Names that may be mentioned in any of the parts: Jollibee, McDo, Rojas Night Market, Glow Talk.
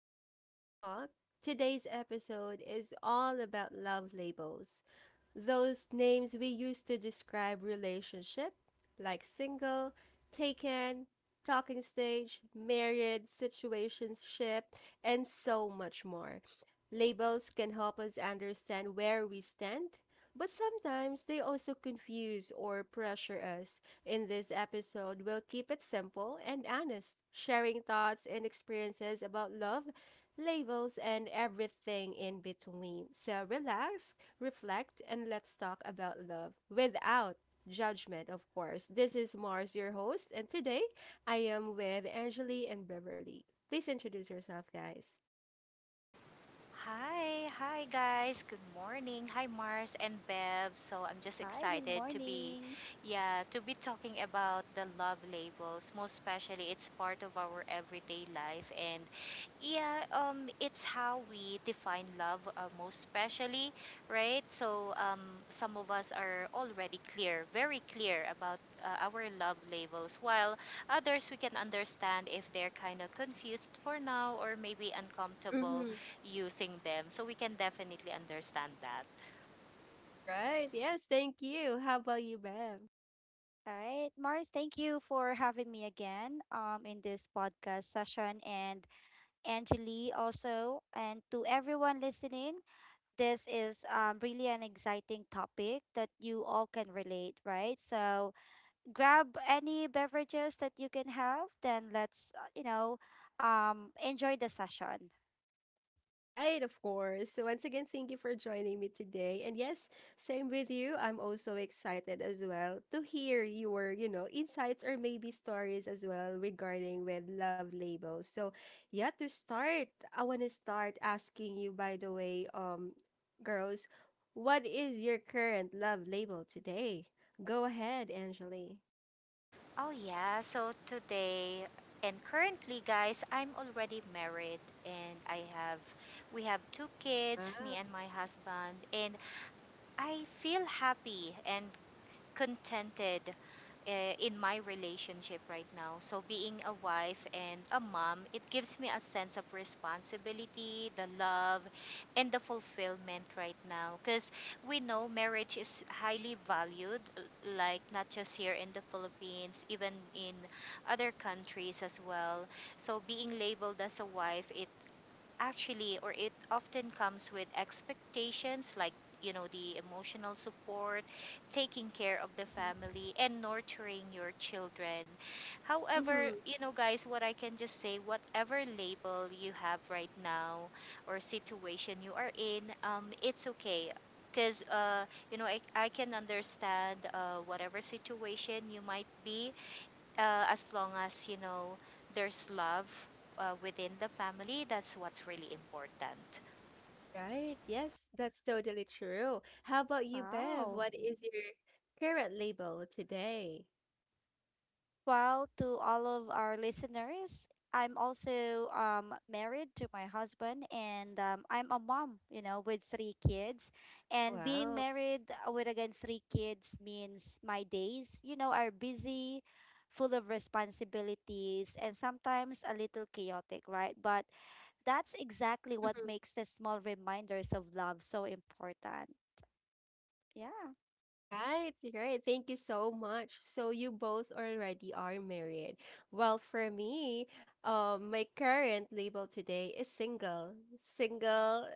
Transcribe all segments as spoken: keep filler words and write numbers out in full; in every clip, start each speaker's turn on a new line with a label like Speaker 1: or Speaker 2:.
Speaker 1: back to Glow Talk. Today's episode is all about love labels, those names we use to describe relationship, like single, taken, talking stage, married, situationship, and so much more. Labels can help us understand where we stand, but sometimes they also confuse or pressure us. In this episode, we'll keep it simple and honest, sharing thoughts and experiences about love, labels, and everything in between. So relax, reflect, and let's talk about love without judgment, of course. This is Mars, your host, and today I am with Angeli and Beverly. Please introduce yourself, guys.
Speaker 2: Hi, hi guys. Good morning. Hi Mars and Bev. So I'm just
Speaker 3: Hi, good
Speaker 2: excited to be
Speaker 3: morning.
Speaker 2: yeah, to be talking about the love labels. Most especially it's part of our everyday life and yeah, um it's how we define love uh, most especially, right? So um some of us are already clear, very clear about uh, our love labels while others we can understand if they're kind of confused for now or maybe uncomfortable
Speaker 1: Hmm.
Speaker 2: using them. So we can definitely understand that.
Speaker 1: Right. Yes. Thank you. How about you, Bev?
Speaker 3: All right, Mars, thank you for having me again um in this podcast session, and Angeli also, and to everyone listening. This is um really an exciting topic that you all can relate, right? So grab any beverages that you can have, then let's uh, you know um enjoy the session.
Speaker 1: Right, of course. So once again, thank you for joining me today. And yes, same with you. I'm also excited as well to hear your, you know, insights or maybe stories as well regarding with love labels. So yeah, to start, I want to start asking you, by the way, um, girls, what is your current love label today? Go ahead, Angeli.
Speaker 2: Oh, yeah. So today, and currently, guys, I'm already married and I have, we have two kids, me
Speaker 1: Wow.
Speaker 2: and my husband, and I feel happy and contented uh, in my relationship right now. So, being a wife and a mom, it gives me a sense of responsibility, the love, and the fulfillment right now. Because we know marriage is highly valued, l- like not just here in the Philippines, even in other countries as well. So, being labeled as a wife, it actually or it often comes with expectations like you know the emotional support, taking care of the
Speaker 3: Hmm.
Speaker 2: family, and nurturing your children. However,
Speaker 1: Mm-hmm.
Speaker 2: you know, guys, what I can just say, whatever label you have right now or situation you are in, um, it's okay because uh, you know, I, I can understand uh, whatever situation you might be, uh, as long as you know there's love uh, within the family. That's what's really important.
Speaker 1: Right. Yes, that's totally true. How about you, Bev?
Speaker 3: Wow.
Speaker 1: What is your current label today?
Speaker 3: Well, to all of our listeners, I'm also um, married to my husband, and um, I'm a mom, you know, with three kids. And being
Speaker 1: Wow.
Speaker 3: married uh, with again three kids means my days, you know, are busy, full of responsibilities, and sometimes a little chaotic, right? But that's exactly what
Speaker 1: Hmm.
Speaker 3: makes the small reminders of love so important. Yeah.
Speaker 1: Right, right. Thank you so much. So you both already are married. Well, for me, um, my current label today is single. Single,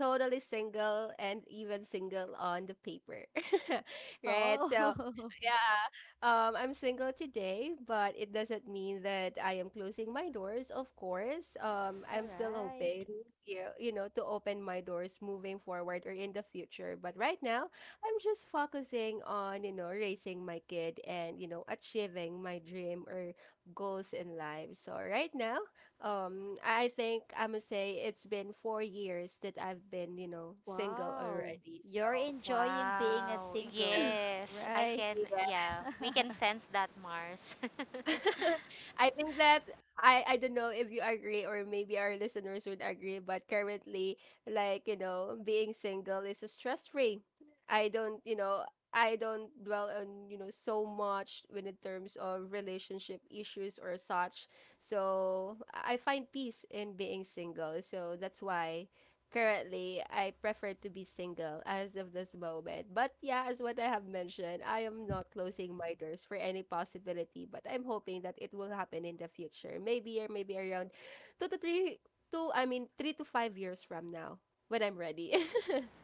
Speaker 1: totally single, and even single on the paper. Right? So,
Speaker 3: Oh,
Speaker 1: yeah, um, I'm single today, but it doesn't mean that I am closing my doors, of course. Um,
Speaker 3: all
Speaker 1: I'm still
Speaker 3: right.
Speaker 1: hoping, you, you know, to open my doors moving forward or in the future. But right now, I'm just focusing on, you know, raising my kid and, you know, achieving my dream or goals in life. So right now, um, I think I'm gonna say it's been four years that I've been, you know, single
Speaker 3: Wow.
Speaker 1: already.
Speaker 3: You're
Speaker 1: So
Speaker 3: enjoying being a
Speaker 2: Wow,
Speaker 3: single,
Speaker 2: yes, I
Speaker 3: right?
Speaker 2: can.
Speaker 1: yeah.
Speaker 2: Yeah, we can sense that, Mars.
Speaker 1: I think that I I don't know if you agree or maybe our listeners would agree, but currently, like you know, being single is stress free. I don't, you know, I don't dwell on you know so much when in terms of relationship issues or such. So I I find peace in being single. So that's why currently I prefer to be single as of this moment. But yeah, as what I have mentioned, I am not closing my doors for any possibility, but I'm hoping that it will happen in the future. Maybe or maybe around two to three two I mean three to five years from now when I'm ready.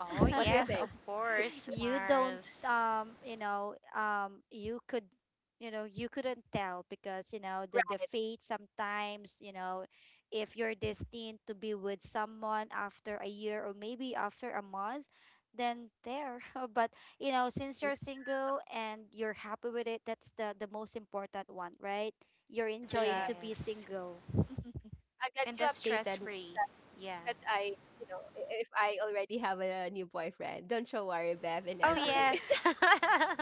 Speaker 2: Oh,
Speaker 1: What do you
Speaker 2: yes,
Speaker 1: think?
Speaker 2: of course,
Speaker 3: You don't
Speaker 2: Mars.
Speaker 3: um you know um you could you know you couldn't tell because you know the the
Speaker 1: Right.
Speaker 3: fate sometimes you know if you're destined to be with someone after a year or maybe after a month, then there but you know since you're single and you're happy with it, that's the the most important one, right? You're enjoying
Speaker 1: Yeah,
Speaker 3: to be
Speaker 2: Yes,
Speaker 3: single.
Speaker 1: I got
Speaker 2: and
Speaker 1: you
Speaker 2: that's stress
Speaker 1: updated.
Speaker 2: free. Yeah.
Speaker 1: That's I you know I- if I already have a new boyfriend, don't you worry, Bev and
Speaker 2: Oh,
Speaker 1: Angeli.
Speaker 2: yes.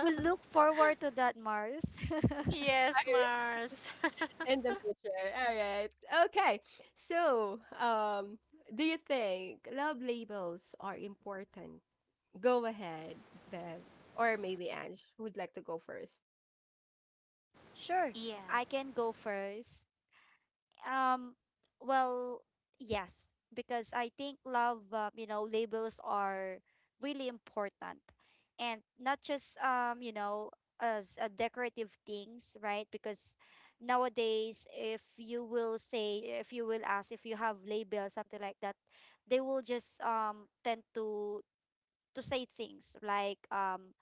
Speaker 3: We look forward to that, Mars.
Speaker 2: Yes, Mars.
Speaker 1: In the future. All right. Okay. So, um, do you think love labels are important? Go ahead, Bev. Or maybe Ange would like to go first.
Speaker 3: Sure,
Speaker 2: Yeah.
Speaker 3: I can go first. Um, well, yes, because I think love, uh, you know, labels are really important, and not just um, you know, as a decorative things, right? Because nowadays, if you will say, if you will ask, if you have labels, something like that, they will just um tend to to say things like um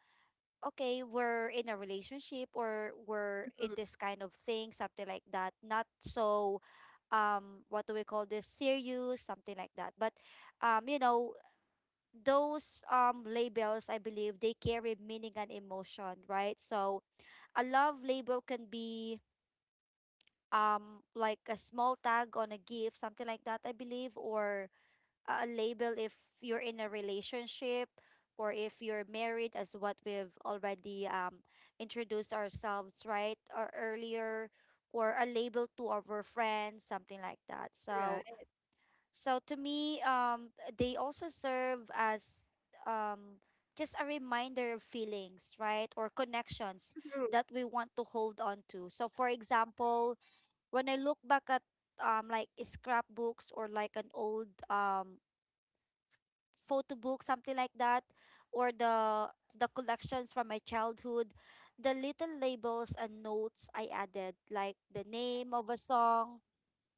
Speaker 3: okay, we're in a relationship or we're in
Speaker 1: Mhm.
Speaker 3: this kind of thing, something like that. Not so um what do we call this, serious, something like that, but um you know those um labels, I believe they carry meaning and emotion, right? So a love label can be um like a small tag on a gift, something like that, I believe, or a label if you're in a relationship or if you're married as what we've already um, introduced ourselves, right, or earlier, or a label to our friends, something like that. So
Speaker 1: Right.
Speaker 3: so to me, um they also serve as um just a reminder of feelings, right, or connections
Speaker 1: Mhm.
Speaker 3: that we want to hold on to. So for example, when I look back at um like scrapbooks, or like an old um photo book, something like that, or the the collections from my childhood, the little labels and notes I added, like the name of a song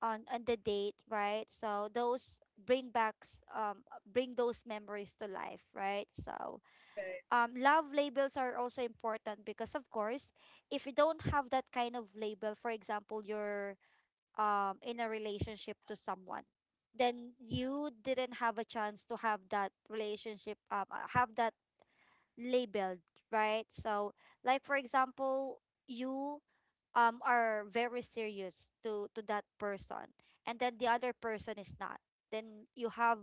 Speaker 3: on and the date, right? So those bring backs um bring those memories to life, right? So
Speaker 1: Right.
Speaker 3: um love labels are also important because, of course, if you don't have that kind of label, for example, your um in a relationship to someone, then you didn't have a chance to have that relationship um uh, have that labeled, right? So like for example, you um are very serious to to that person, and then the other person is not, then you have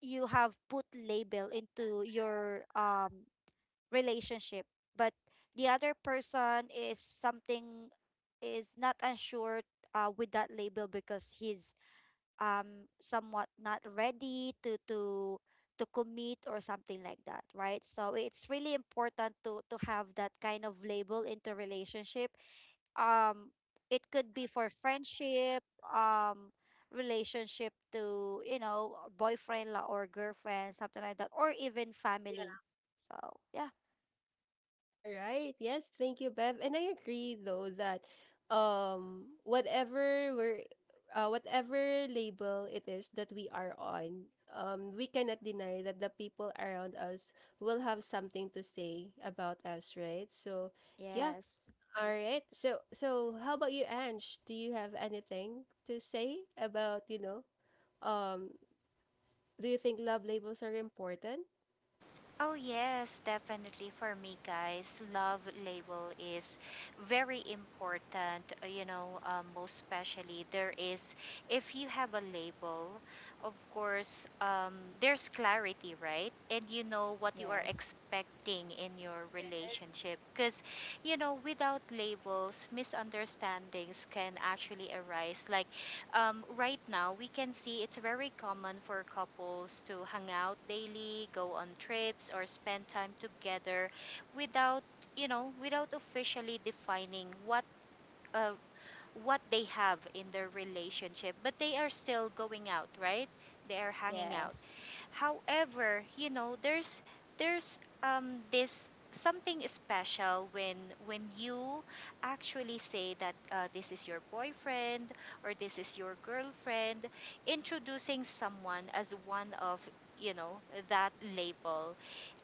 Speaker 3: you have put label into your um relationship, but the other person is something, is not unsure uh, with that label because he's um somewhat not ready to to to commit or something like that, right? So it's really important to to have that kind of label into relationship. Um it could be for friendship, um relationship to, you know, boyfriend la- or girlfriend, something like that, or even family. So, yeah.
Speaker 1: All right. Yes, thank you, Bev. And I agree though that um whatever we're uh, whatever label it is that we are on, um we cannot deny that the people around us will have something to say about us, right? So, yeah.
Speaker 3: Yes.
Speaker 1: All right. So so how about you, Ange? Do you have anything to say about, you know, um do you think love labels are important?
Speaker 2: Oh, yes, definitely for me, guys. Love label is very important, uh, you know, uh, most especially there is, if you have a label, of course, um, there's clarity, right? And you know what you are
Speaker 3: Yes.
Speaker 2: expecting in your relationship. Because, you know, without labels, misunderstandings can actually arise. Like, um, right now we can see it's very common for couples to hang out daily, go on trips, or spend time together without, you know, without officially defining what uh, what they have in their relationship. But they are still going out, right? They are hanging out.
Speaker 3: Yes.
Speaker 2: However, you know, there's there's um this something special when when you actually say that uh, this is your boyfriend or this is your girlfriend, introducing someone as one of, you know, that label.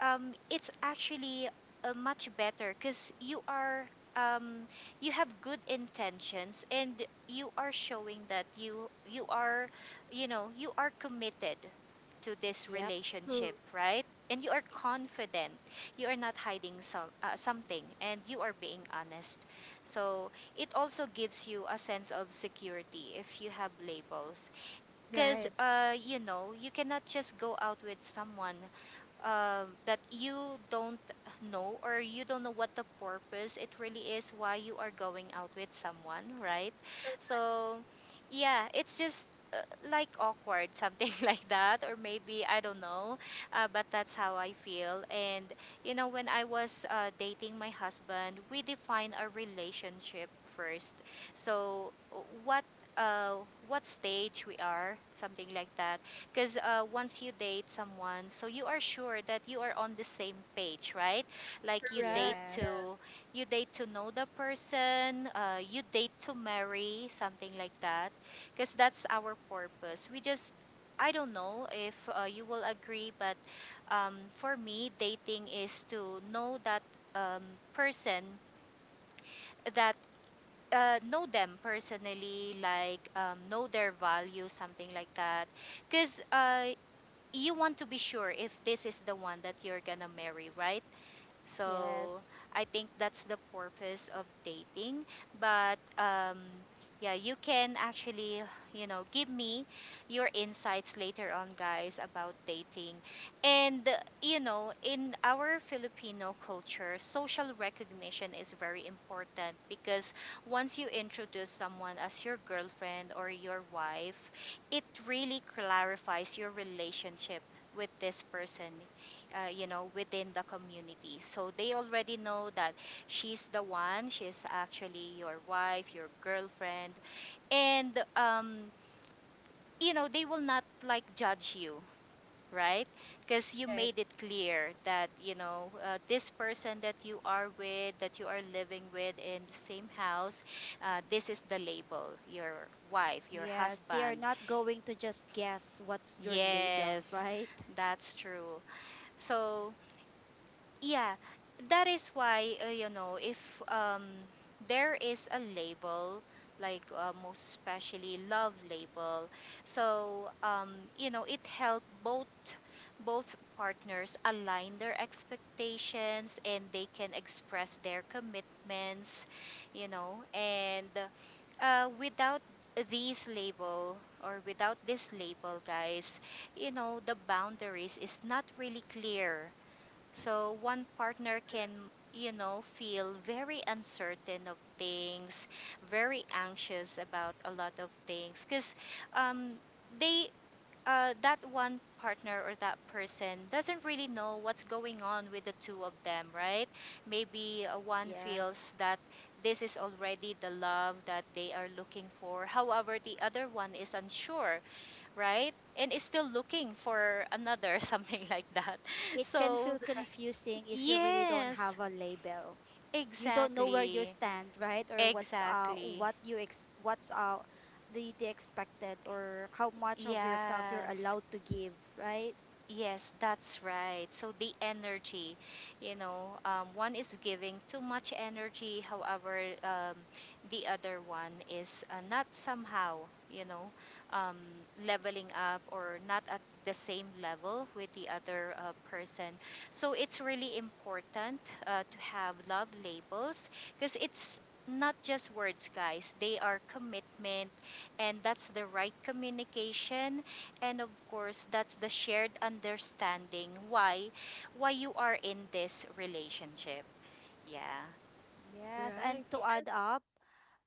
Speaker 2: Um, it's actually uh, much better because you are. Um, you have good intentions and you are showing that you you are, you know, you are committed to this
Speaker 3: Yep.
Speaker 1: Mhm.
Speaker 2: relationship, right? And you are confident. You are not hiding some uh, something and you are being honest. So, it also gives you a sense of security if you have labels because
Speaker 1: Right.
Speaker 2: uh, you know you cannot just go out with someone um, that you don't know, or you don't know what the purpose it really is why you are going out with someone, right?
Speaker 1: Cor-
Speaker 2: So yeah, it's just uh, like awkward something like that, or maybe I don't know, uh, but that's how I feel. And you know, when I was uh, dating my husband, we define a relationship first. So uh, what uh, what stage we are, something like that. Because uh, once you date someone, so you are sure that you are on the same page, right? Like you date
Speaker 1: Correct. Yeah.
Speaker 2: to,
Speaker 3: Yes.
Speaker 2: you date to know the person, uh, you date to marry, something like that. Because that's our purpose. We just, I don't know if uh, you will agree, but um, for me, dating is to know that um, person, that uh, know them personally, like um, know their values, something like that. Because uh, you want to be sure if this is the one that you're gonna marry, right? So
Speaker 3: Yes.
Speaker 2: I think that's the purpose of dating. But um, yeah, you can actually, you know, give me your insights later on, guys, about dating. And, uh, you know, in our Filipino culture, social recognition is very important because once you introduce someone as your girlfriend or your wife, it really clarifies your relationship with this person, uh, you know, within the community. So they already know that she's the one, she's actually your wife, your girlfriend. And um, you know, they will not like judge you, right? Because you
Speaker 1: Right.
Speaker 2: made it clear that, you know, uh, this person that you are with, that you are living with in the same house, uh, this is the label, your wife, your
Speaker 3: Yes, they are
Speaker 2: husband.
Speaker 3: not going to just guess what's your label,
Speaker 2: Yes,
Speaker 3: right?
Speaker 2: that's true. So yeah, that is why, uh, you know, if um there is a label like, uh, most especially, love label, so um you know, it helped both, both partners align their expectations and they can express their commitments, you know. And uh, without these label or without this label, guys, you know, the boundaries is not really clear. So one partner can, you know, feel very uncertain of things, very anxious about a lot of things, because um, they uh, that one partner or that person doesn't really know what's going on with the two of them, right? Maybe uh, one
Speaker 3: Yes.
Speaker 2: feels that this is already the love that they are looking for. However, the other one is unsure, right? And is still looking for another, something like that.
Speaker 3: It can
Speaker 2: So
Speaker 3: feel confusing if you really don't
Speaker 2: yes,
Speaker 3: have a label. You don't know where you
Speaker 2: exactly.
Speaker 3: stand, right? Or what's uh
Speaker 2: Exactly.
Speaker 3: what you ex what's uh the the expected, or how much of yourself you're
Speaker 2: Yes.
Speaker 3: allowed to give, right?
Speaker 2: Yes, that's right. So the energy, you know, um, one is giving too much energy. However, um, the other one is uh, not somehow, you know, um, leveling up or not at the same level with the other uh, person. So it's really important uh, to have love labels because it's not just words, guys. They are commitment, and that's the right communication, and of course, that's the shared understanding why why you are in this relationship. Yeah.
Speaker 3: Yes, and
Speaker 1: Correct.
Speaker 3: to add up.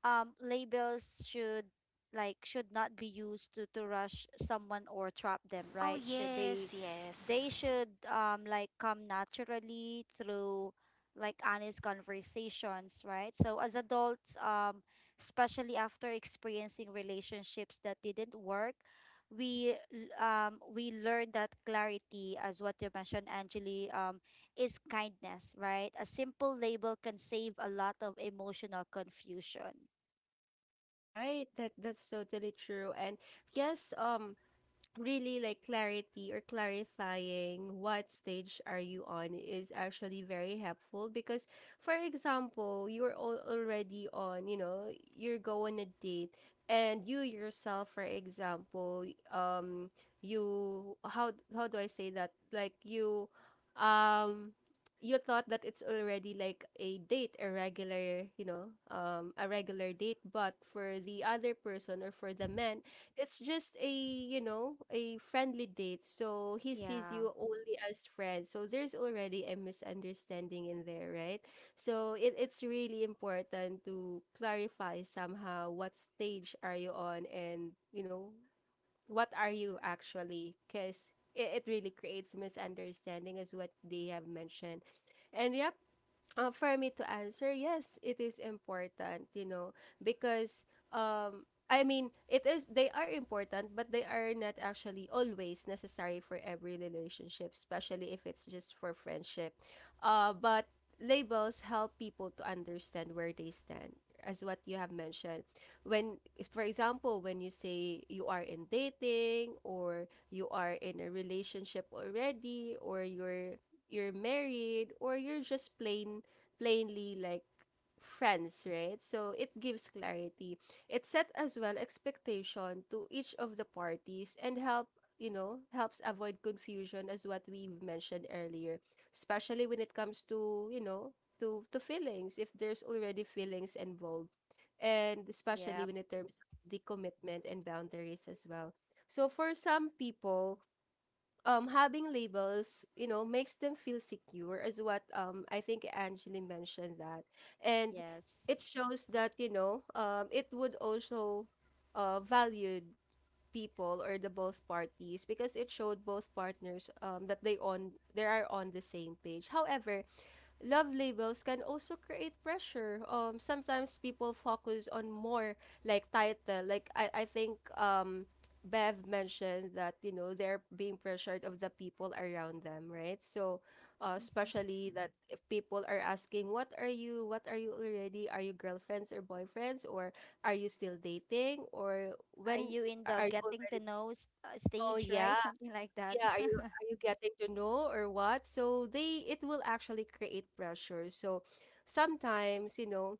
Speaker 3: um Labels should like should not be used to to rush someone or trap them,
Speaker 2: Oh,
Speaker 3: right? Should
Speaker 2: yes.
Speaker 3: they
Speaker 2: Yes.
Speaker 3: they should um like come naturally through like honest conversations, right? So as adults, um especially after experiencing relationships that didn't work, we l- um we learned that clarity, as what you mentioned, Angeli, um is kindness, right? A simple label can save a lot of emotional confusion.
Speaker 1: Right, that that's totally true. And yes, um really like clarity or clarifying what stage are you on is actually very helpful, because for example you're al- already on, you know you're going on a date, and you yourself, for example, um you, how how do I say that, like you, um you thought that it's already like a date, a regular you know um a regular date, but for the other person or for the man it's just, a you know, a friendly date, so he sees
Speaker 3: Yeah.
Speaker 1: you only as friends, so there's already a misunderstanding in there, right? So it, it's really important to clarify somehow what stage are you on, and you know what are you actually, because it, it really creates misunderstanding as what they have mentioned. And yep, uh, for me to answer, yes, it is important, you know, because um I mean, it is they are important, but they are not actually always necessary for every relationship, especially if it's just for friendship. Uh but labels help people to understand where they stand, as what you have mentioned, when, for example, when you say you are in dating or you are in a relationship already, or you're you're married, or you're just plain plainly like friends, right? So it gives clarity. It set as well expectation to each of the parties and help you know helps avoid confusion as what we've mentioned earlier, especially when it comes to you know to to feelings, if there's already feelings involved, and especially
Speaker 3: Yep.
Speaker 1: when it terms the commitment and boundaries as well. So for some people, um having labels you know makes them feel secure, is what, um I think Angeli mentioned that. And
Speaker 3: Yes.
Speaker 1: it shows that, you know um it would also, uh valued people or the both parties, because it showed both partners, um that they on they are on the same page. However, love labels can also create pressure. Um, sometimes people focus on more like title. Like, I, I think, um, Bev mentioned that, you know they're being pressured of the people around them, right? So, uh,
Speaker 3: Hmm.
Speaker 1: especially that if people are asking, "What are you? What are you already? Are you girlfriends or boyfriends, or are you still dating, or
Speaker 3: Are
Speaker 1: when
Speaker 3: you in the
Speaker 1: are you
Speaker 3: getting
Speaker 1: already?"
Speaker 3: to know s- uh,
Speaker 1: Oh
Speaker 3: stage, right?
Speaker 1: yeah,
Speaker 3: Something like that.
Speaker 1: yeah, are you are you getting to know or what? So they it will actually create pressure. So sometimes, you know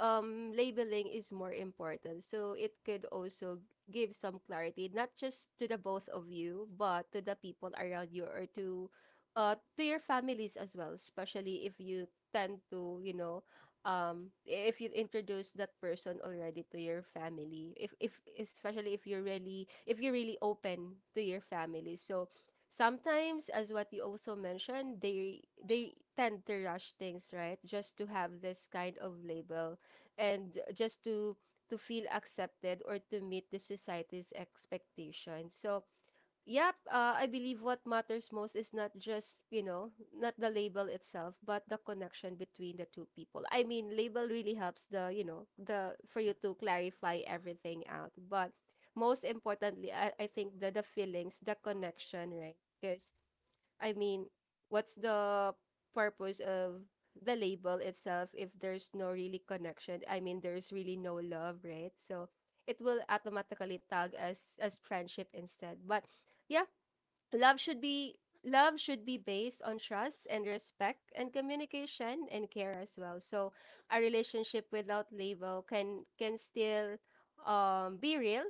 Speaker 1: um labeling is more important, so it could also give some clarity not just to the both of you but to the people around you, or to uh to your families as well, especially if you tend to, you know um if you introduce that person already to your family, if if especially if you're really if you're really open to your family. So sometimes, as what you also mentioned, they they tend to rush things, right, just to have this kind of label, and just to to feel accepted or to meet the society's expectations. So, yep, uh, I believe what matters most is not just, you know, not the label itself, but the connection between the two people. I mean, label really helps the, you know, the for you to clarify everything out, but most importantly, I, I think that the feelings, the connection, right? Because I mean, what's the purpose of the label itself if there's no really connection? I mean, there's really no love, right? So it will automatically tag as as friendship instead. But yeah, love should be love should be based on trust and respect and communication and care as well. So a relationship without label can can still, um be real,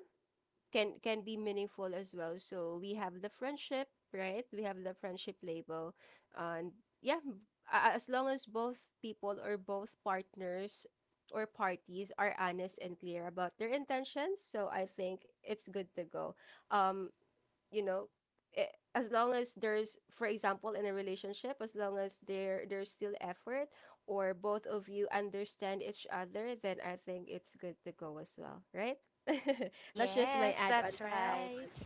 Speaker 1: can can be meaningful as well. So we have the friendship, right? We have the friendship label, and yeah, a- as long as both people or both partners or parties are honest and clear about their intentions, so I think it's good to go. Um, you know eh, as long as there's, for example, in a relationship, as long as there there's still effort or both of you understand each other, then I think it's good to go as well, right? That's just my
Speaker 2: Yes,
Speaker 1: add on to
Speaker 2: that's right.
Speaker 1: that.
Speaker 3: Right.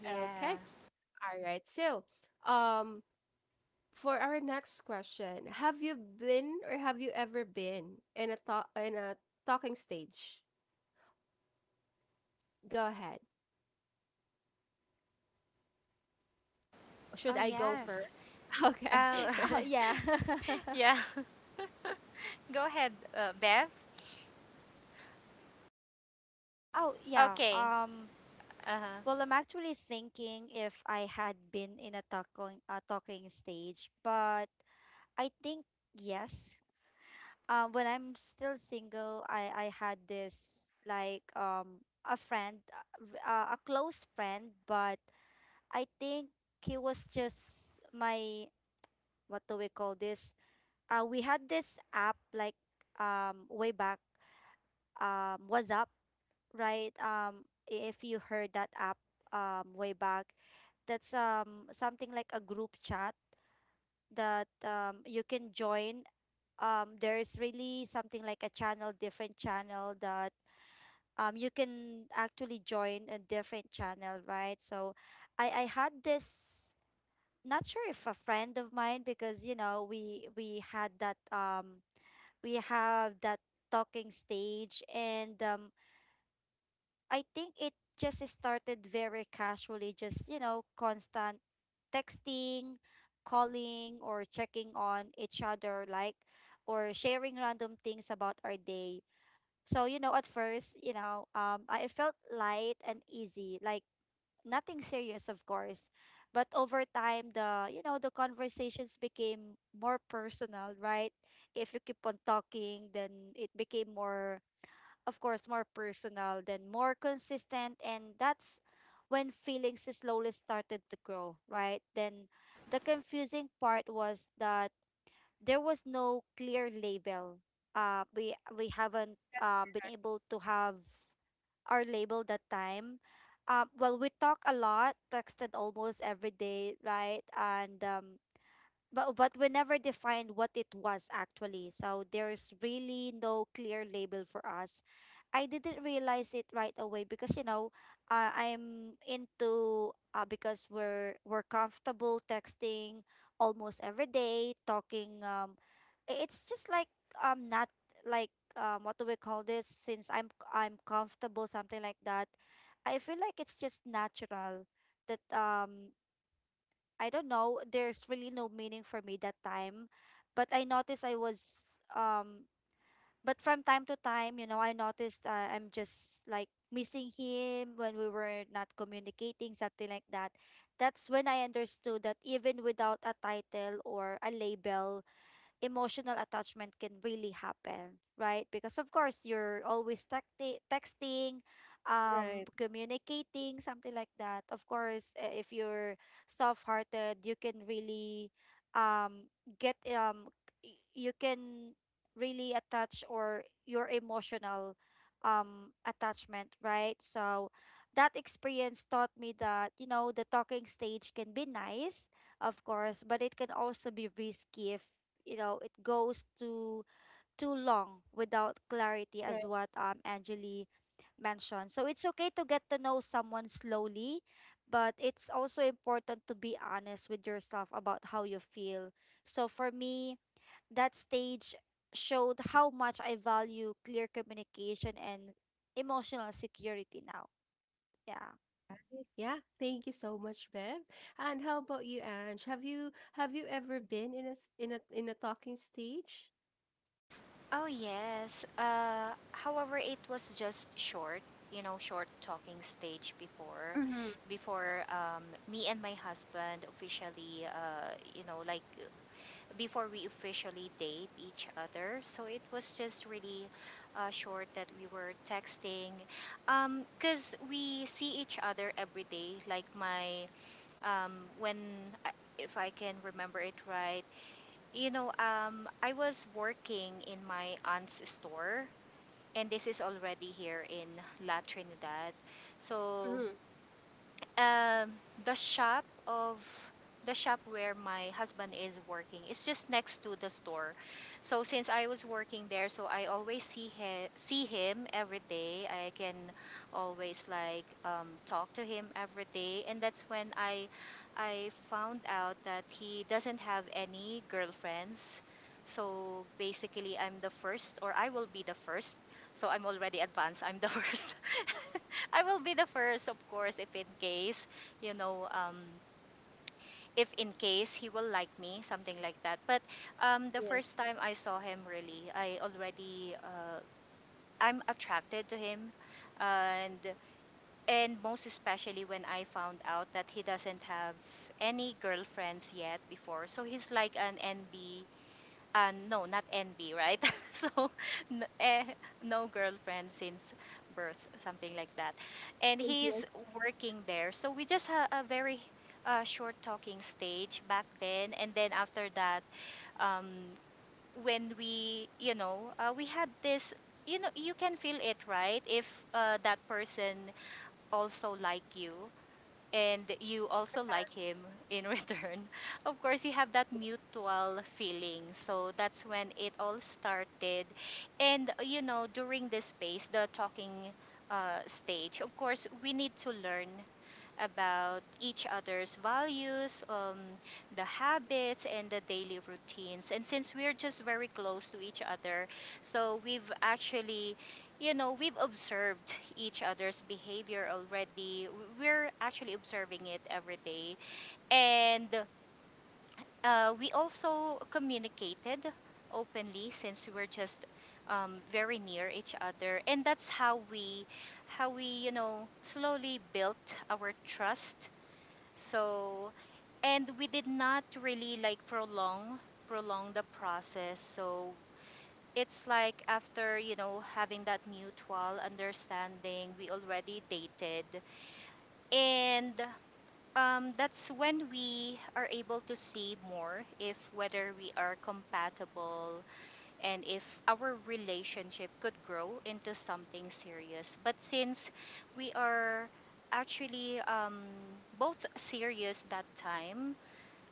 Speaker 2: Yeah.
Speaker 1: Okay, all right. So, um for our next question, have you been, or have you ever been in a talk in a talking stage? Go ahead. Should
Speaker 2: Oh,
Speaker 1: I go
Speaker 3: Hmm.
Speaker 2: yes.
Speaker 1: first? Okay.
Speaker 2: Oh,
Speaker 3: Oh, yeah.
Speaker 2: yeah. Go ahead, uh, Bev.
Speaker 3: Oh, yeah.
Speaker 2: Okay.
Speaker 3: Um,
Speaker 2: Uh-huh.
Speaker 3: well, I'm actually thinking if I had been in a talking a talking stage, but I think yes. Um, when I'm still single, I I had this like um a friend, uh, r- uh, a close friend, but I think he was just my, what do we call this? Uh, we had this app like um way back um WhatsApp, right? Um, if you heard that app um way back, that's um something like a group chat that um you can join. Um, there is really something like a channel, different channel, that um you can actually join a different channel, right? So I I had this, not sure if a friend of mine, because you know we we had that um we have that talking stage, and um I think it just started very casually, just you know constant texting, calling, or checking on each other, like, or sharing random things about our day. So you know at first you know um I felt light and easy, like, nothing serious, of course. But over time, the, you know, the conversations became more personal, right? If you keep on talking, then it became more, of course, more personal, then more consistent. And that's when feelings slowly started to grow, right? Then the confusing part was that there was no clear label. Uh, we we haven't um, been able to have our label that time. Um, well, we talk a lot, texted almost every day, right? And um, but oh, but we never defined what it was, actually. So there's really no clear label for us. I didn't realize it right away because you know, uh, I'm into uh, because we're we're comfortable texting almost every day, talking. Um, i- it's just like um not, like um what do we call this? Since I'm I'm comfortable, something like that. I feel like it's just natural that um I don't know, there's really no meaning for me that time. But I noticed I was um but from time to time, you know, I noticed uh, I'm just like missing him when we were not communicating, something like that. That's when I understood that even without a title or a label, emotional attachment can really happen, right? Because of course you're always tacti- texting, um, communicating, something like that. Of course, uh, if you're soft-hearted, you can really um get um y- you can really attach, or your emotional um attachment, right? So that experience taught me that you know the talking stage can be nice, of course, but it can also be risky if you know it goes too too long without clarity,
Speaker 1: Right.
Speaker 3: as what um Angeli mentioned. So it's okay to get to know someone slowly, but it's also important to be honest with yourself about how you feel. So for me, that stage showed how much I value clear communication and emotional security now. Yeah.
Speaker 1: Right. Yeah. Thank you so much, Bev. And how about you, Ange? Have you have you ever been in a s- in a in a talking stage?
Speaker 2: Oh yes. Uh, however, it was just short, you know, short talking stage before,
Speaker 1: Mm-hmm.
Speaker 2: before um, me and my husband officially, uh, you know, like before we officially date each other. So it was just really uh, short that we were texting, um, cause we see each other every day. Like my, um, when I, if I can remember it right, you know, um, I was working in my aunt's store, and this is already here in La Trinidad. So
Speaker 1: Mm-hmm.
Speaker 2: um, the shop of the shop where my husband is working is just next to the store. So since I was working there, so I always see him see him every day. I can always like um, talk to him every day, and that's when I I found out that he doesn't have any girlfriends. So basically, I'm the first, or I will be the first. So I'm already advanced. I'm the first. I will be the first, of course, if in case, you know, um, if in case he will like me, something like that. But um, the
Speaker 1: Yes.
Speaker 2: first time I saw him, really, I already, uh, I'm attracted to him, and and most especially when I found out that he doesn't have any girlfriends yet before. So he's like an N B uh, no, not envy, right? So, n- eh, no girlfriend since birth, something like that. And
Speaker 1: And she
Speaker 2: he's
Speaker 1: has
Speaker 2: working there. So we just had a very uh, short talking stage back then. And then after that, um, when we, you know, uh, we had this, you know, you can feel it, right? If uh, that person also like you and you also like him in return, of course, you have that
Speaker 1: you.
Speaker 2: mutual feeling. So that's when it all started. And, uh, you know, during this phase, the talking uh, stage, of course, we need to learn about each other's values, um, the habits, and the daily routines. And since we're just very close to each other, so we've actually, you know, we've observed each other's behavior already. We're actually observing it every day. And uh, we also communicated openly since we were just um, very near each other. And that's how we, how we, you know, slowly built our trust. So, and we did not really like prolong prolong the process. So it's like after, you know, having that mutual understanding, we already dated. And um, that's when we are able to see more if whether we are compatible and if our relationship could grow into something serious. But since we are actually um, both serious that time,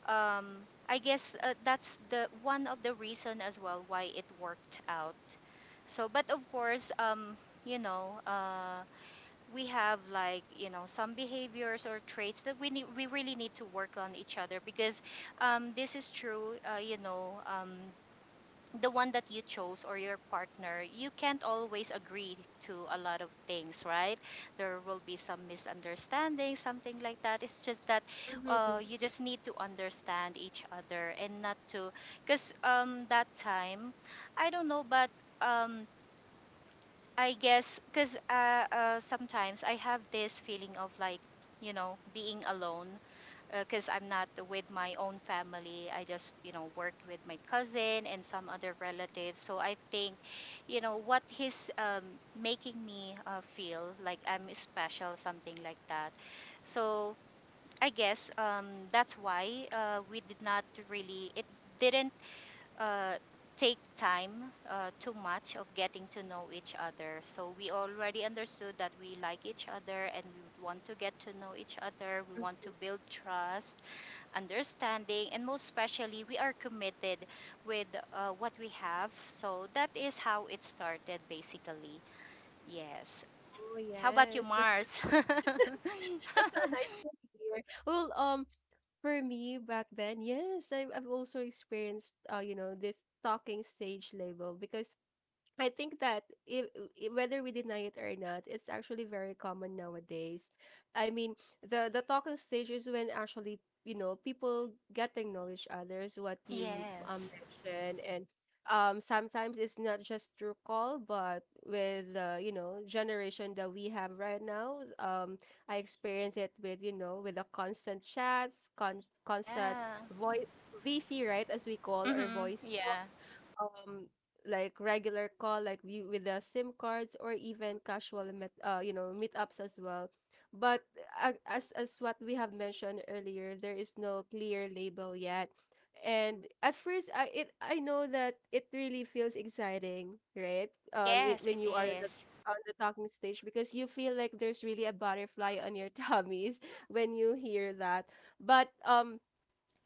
Speaker 2: um, I guess uh, that's the one of the reason as well why it worked out. So, but of course, um, you know, uh, we have like, you know, some behaviors or traits that we need, we really need to work on each other because um, this is true. Uh, you know, um, the one that you chose or your partner, you can't always agree to a lot of things, right? There will be some misunderstanding, something like that. It's just that
Speaker 1: Mm-hmm.
Speaker 2: uh, you just need to understand each other and not to, because um, that time, I don't know, but um, I guess because uh, uh, sometimes I have this feeling of like, you know, being alone because uh, I'm not with my own family. I just, you know, worked with my cousin and some other relatives. So I think, you know, what he's um, making me uh, feel like I'm special, something like that. So I guess um, that's why uh, we did not really, it didn't uh, take time uh, too much of getting to know each other. So we already understood that we like each other and we want to get to know each other. We want to
Speaker 1: Mm-hmm.
Speaker 2: build trust understanding, and most especially, we are committed with uh, what we have. So that is how it started, basically. Yes.
Speaker 1: Oh
Speaker 2: How about you,
Speaker 1: yes. That's so,
Speaker 2: Mars?
Speaker 1: that's so nice to hear. Well, um, for me back then, yes, I have I've also experienced, uh, you know, this talking stage label, because I think that, if, whether we deny it or not, it's actually very common nowadays. I mean, the the talking stage is when actually, you know people get to know each others. What you, um
Speaker 2: Yes.
Speaker 1: mentioned, and um sometimes it's not just through call, but with the, you know generation that we have right now. Um, I experience it with you know with the constant chats, con- constant
Speaker 2: Yeah.
Speaker 1: voice V C, right, as we call, or
Speaker 2: Mm-hmm.
Speaker 1: voice
Speaker 2: Yeah.
Speaker 1: um like regular call like we, with the sim cards, or even casual met, uh you know, meetups as well. But uh, as as what we have mentioned earlier, there is no clear label yet. And at first, i it i know that it really feels exciting, right? um when
Speaker 2: Yes,
Speaker 1: when
Speaker 2: it
Speaker 1: you are the,
Speaker 2: is.
Speaker 1: on the talking stage, because you feel like there's really a butterfly on your tummies when you hear that. But um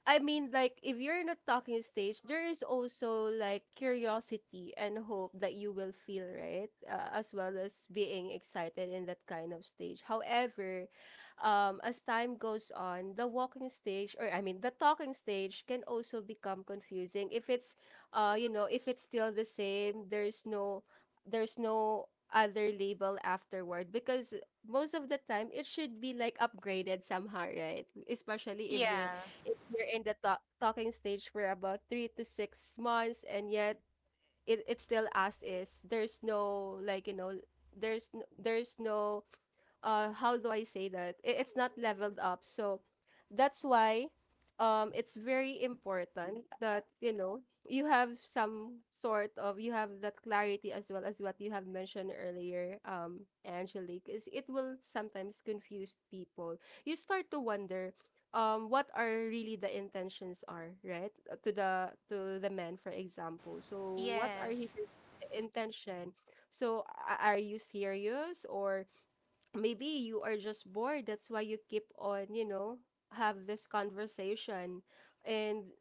Speaker 1: I mean, like, if you're not talking stage, there is also like curiosity and hope that you will feel, right? Uh, as well as being excited in that kind of stage. However, um, as time goes on, the walking stage, or I mean, the talking stage can also become confusing if it's, uh, you know, if it's still the same, there's no, there's no other label afterward, because most of the time it should be like upgraded somehow, right? Especially if you're
Speaker 2: Yeah.
Speaker 1: if you're in the talk talking stage for about three to six months and yet it, it's still as is. There's no, like, you know, there's n- there's no uh how do I say that? It, it's not leveled up. So that's why um it's very important that, you know, you have some sort of you have that clarity, as well as what you have mentioned earlier, um, Angelique. Is it will sometimes confuse people. You start to wonder um what are really the intentions are, right? Uh, To the to the man, for example. So what are his
Speaker 2: Yes.
Speaker 1: in- intention? So a- are you serious, or maybe you are just bored, that's why you keep on, you know, have this conversation. And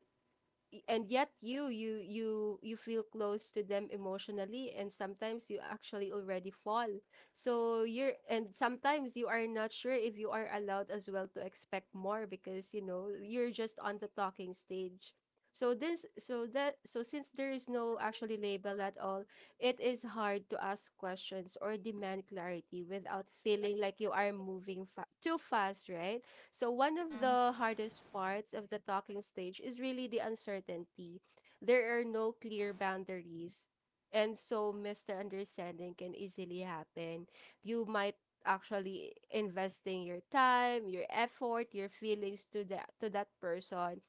Speaker 1: y- and yet you you you you feel close to them emotionally, and sometimes you actually already fall. So you're and sometimes you are not sure if you are allowed as well to expect more, because you know you're just on the talking stage. So this so that so since there is no actually label at all, it is hard to ask questions or demand clarity without feeling like you are moving fa- too fast, right? So one of
Speaker 2: Mm-hmm.
Speaker 1: the hardest parts of the talking stage is really the uncertainty. There are no clear boundaries, and so misunderstanding can easily happen. You might actually investing your time, your effort, your feelings to that to that person,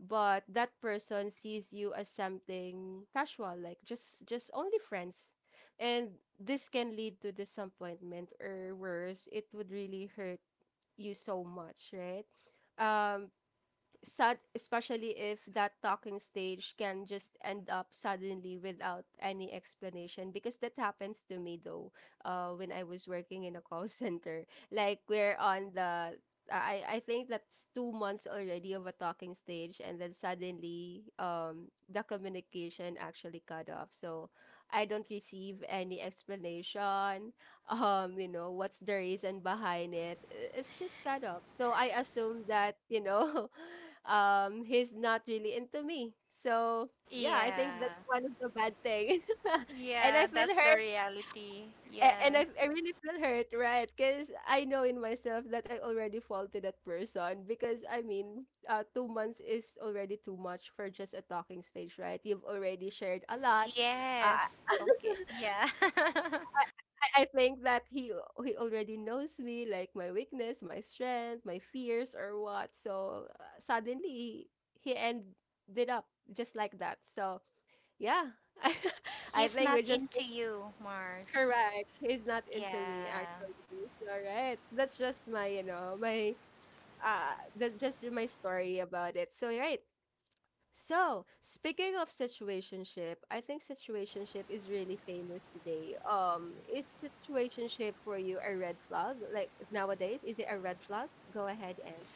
Speaker 1: but that person sees you as something casual, like just just only friends. And this can lead to disappointment, or worse, it would really hurt you so much, right? Um, Sad, especially if that talking stage can just end up suddenly without any explanation, because that happens to me though. Uh, when I was working in a call center, like we're on the. I, I think that's two months already of a talking stage, and then suddenly um the communication actually cut off, so I don't receive any explanation, um you know, what's the reason behind it. I- it's just kind of, so I assume that, you know, um he's not really into me. So yeah, I think
Speaker 2: Yeah.
Speaker 1: that's one of the bad thing. And I
Speaker 2: Yeah,
Speaker 1: feel
Speaker 2: that's the
Speaker 1: hurt,
Speaker 2: reality.
Speaker 1: a- and I,
Speaker 2: Yes.
Speaker 1: I really feel hurt, right? Because I know in myself that I already faulted that person, because I mean, uh, two months is already too much for just a talking stage, right? You've already shared a lot. Uh,
Speaker 2: Yes. Okay. Yeah.
Speaker 1: I think that he he already knows me, like my weakness, my strength, my fears, or what. So uh, suddenly he ended up just like that. So yeah, I
Speaker 2: He's
Speaker 1: think we
Speaker 2: not
Speaker 1: just did
Speaker 2: into you, Mars.
Speaker 1: correct. He's not into me
Speaker 2: Yeah.
Speaker 1: actually. So right, that's just my you know my uh that's just my story about it. So right, so, speaking of situationship, I think situationship is really famous today. Um, is situationship for you a red flag? Like nowadays, is it a red flag? Go ahead, Ange.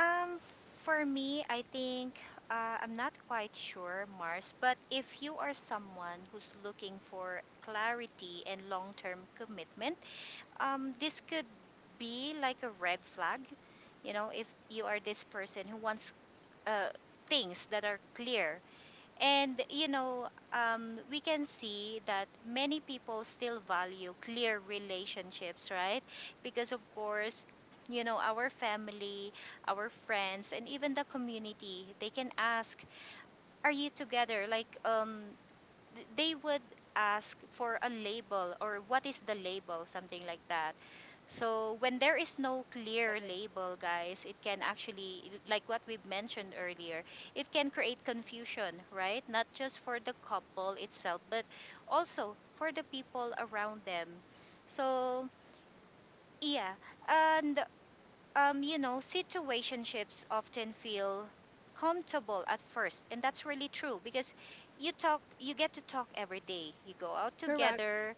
Speaker 2: Um, for me, I think uh, I'm not quite sure, Mars, but if you are someone who's looking for clarity and long term commitment, um, this could be like a red flag. You know, if you are this person who wants uh, things that are clear. And you know, um, we can see that many people still value clear relationships, right? Because of course, you know, our family, our friends, and even the community, they can ask, "Are you together?" Like, um, th- they would ask for a label or what is the label, something like that. So when there is no
Speaker 1: Right.
Speaker 2: clear label, guys, it can actually, like what we've mentioned earlier, it can create confusion, right? Not just for the couple itself, but also for the people around them. So yeah, and um, you know, situationships often feel comfortable at first, and that's really true because you talk, you get to talk every day. You go out
Speaker 1: Correct.
Speaker 2: together,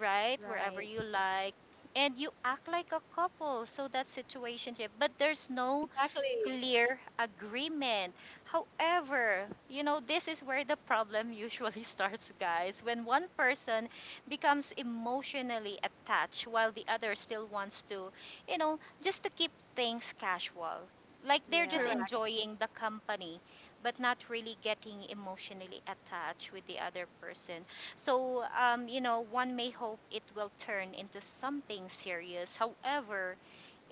Speaker 2: right, wherever
Speaker 3: Right.
Speaker 2: you like, and you act like a couple. So that's situationship, but there's no
Speaker 1: Exactly.
Speaker 2: clear agreement. However, you know, this is where the problem usually starts, guys. When one person becomes emotionally attached while the other still wants to, you know, just to keep things casual. Like they're just
Speaker 1: Correct.
Speaker 3: Yes.
Speaker 2: enjoying the company, but not really getting emotionally attached with the other person. So, um, you know, one may hope it will turn into something serious. However,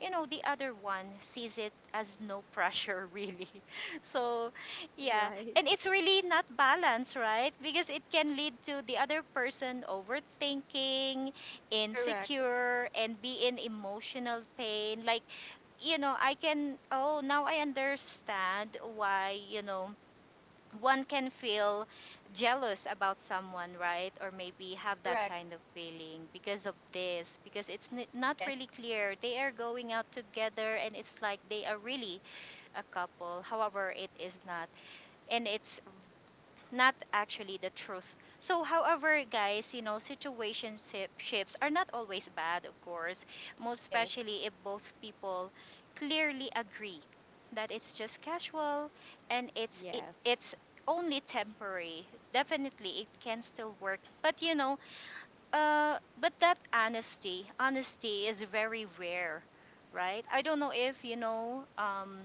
Speaker 2: you know the other one sees it as no pressure really, so yeah,
Speaker 3: Right.
Speaker 2: and it's really not balanced, right? Because it can lead to the other person overthinking,
Speaker 1: Correct.
Speaker 2: insecure, and be in emotional pain. Like, you know, I can, oh now I understand why, you know, one can feel jealous about someone, right? Or maybe have that
Speaker 1: Correct.
Speaker 2: kind of feeling because of this, because it's n- not
Speaker 1: Yes.
Speaker 2: really clear. They are going out together and it's like they are really a couple. However, it is not. And it's not actually the truth. So, however, guys, you know, situationships are not always bad, of course, most
Speaker 1: Yes.
Speaker 2: especially if both people clearly agree that it's just casual and it's it,
Speaker 3: Yes.
Speaker 2: it's only temporary. Definitely, it can still work. But you know, uh, but that honesty, honesty is very rare, right? I don't know if you know, um,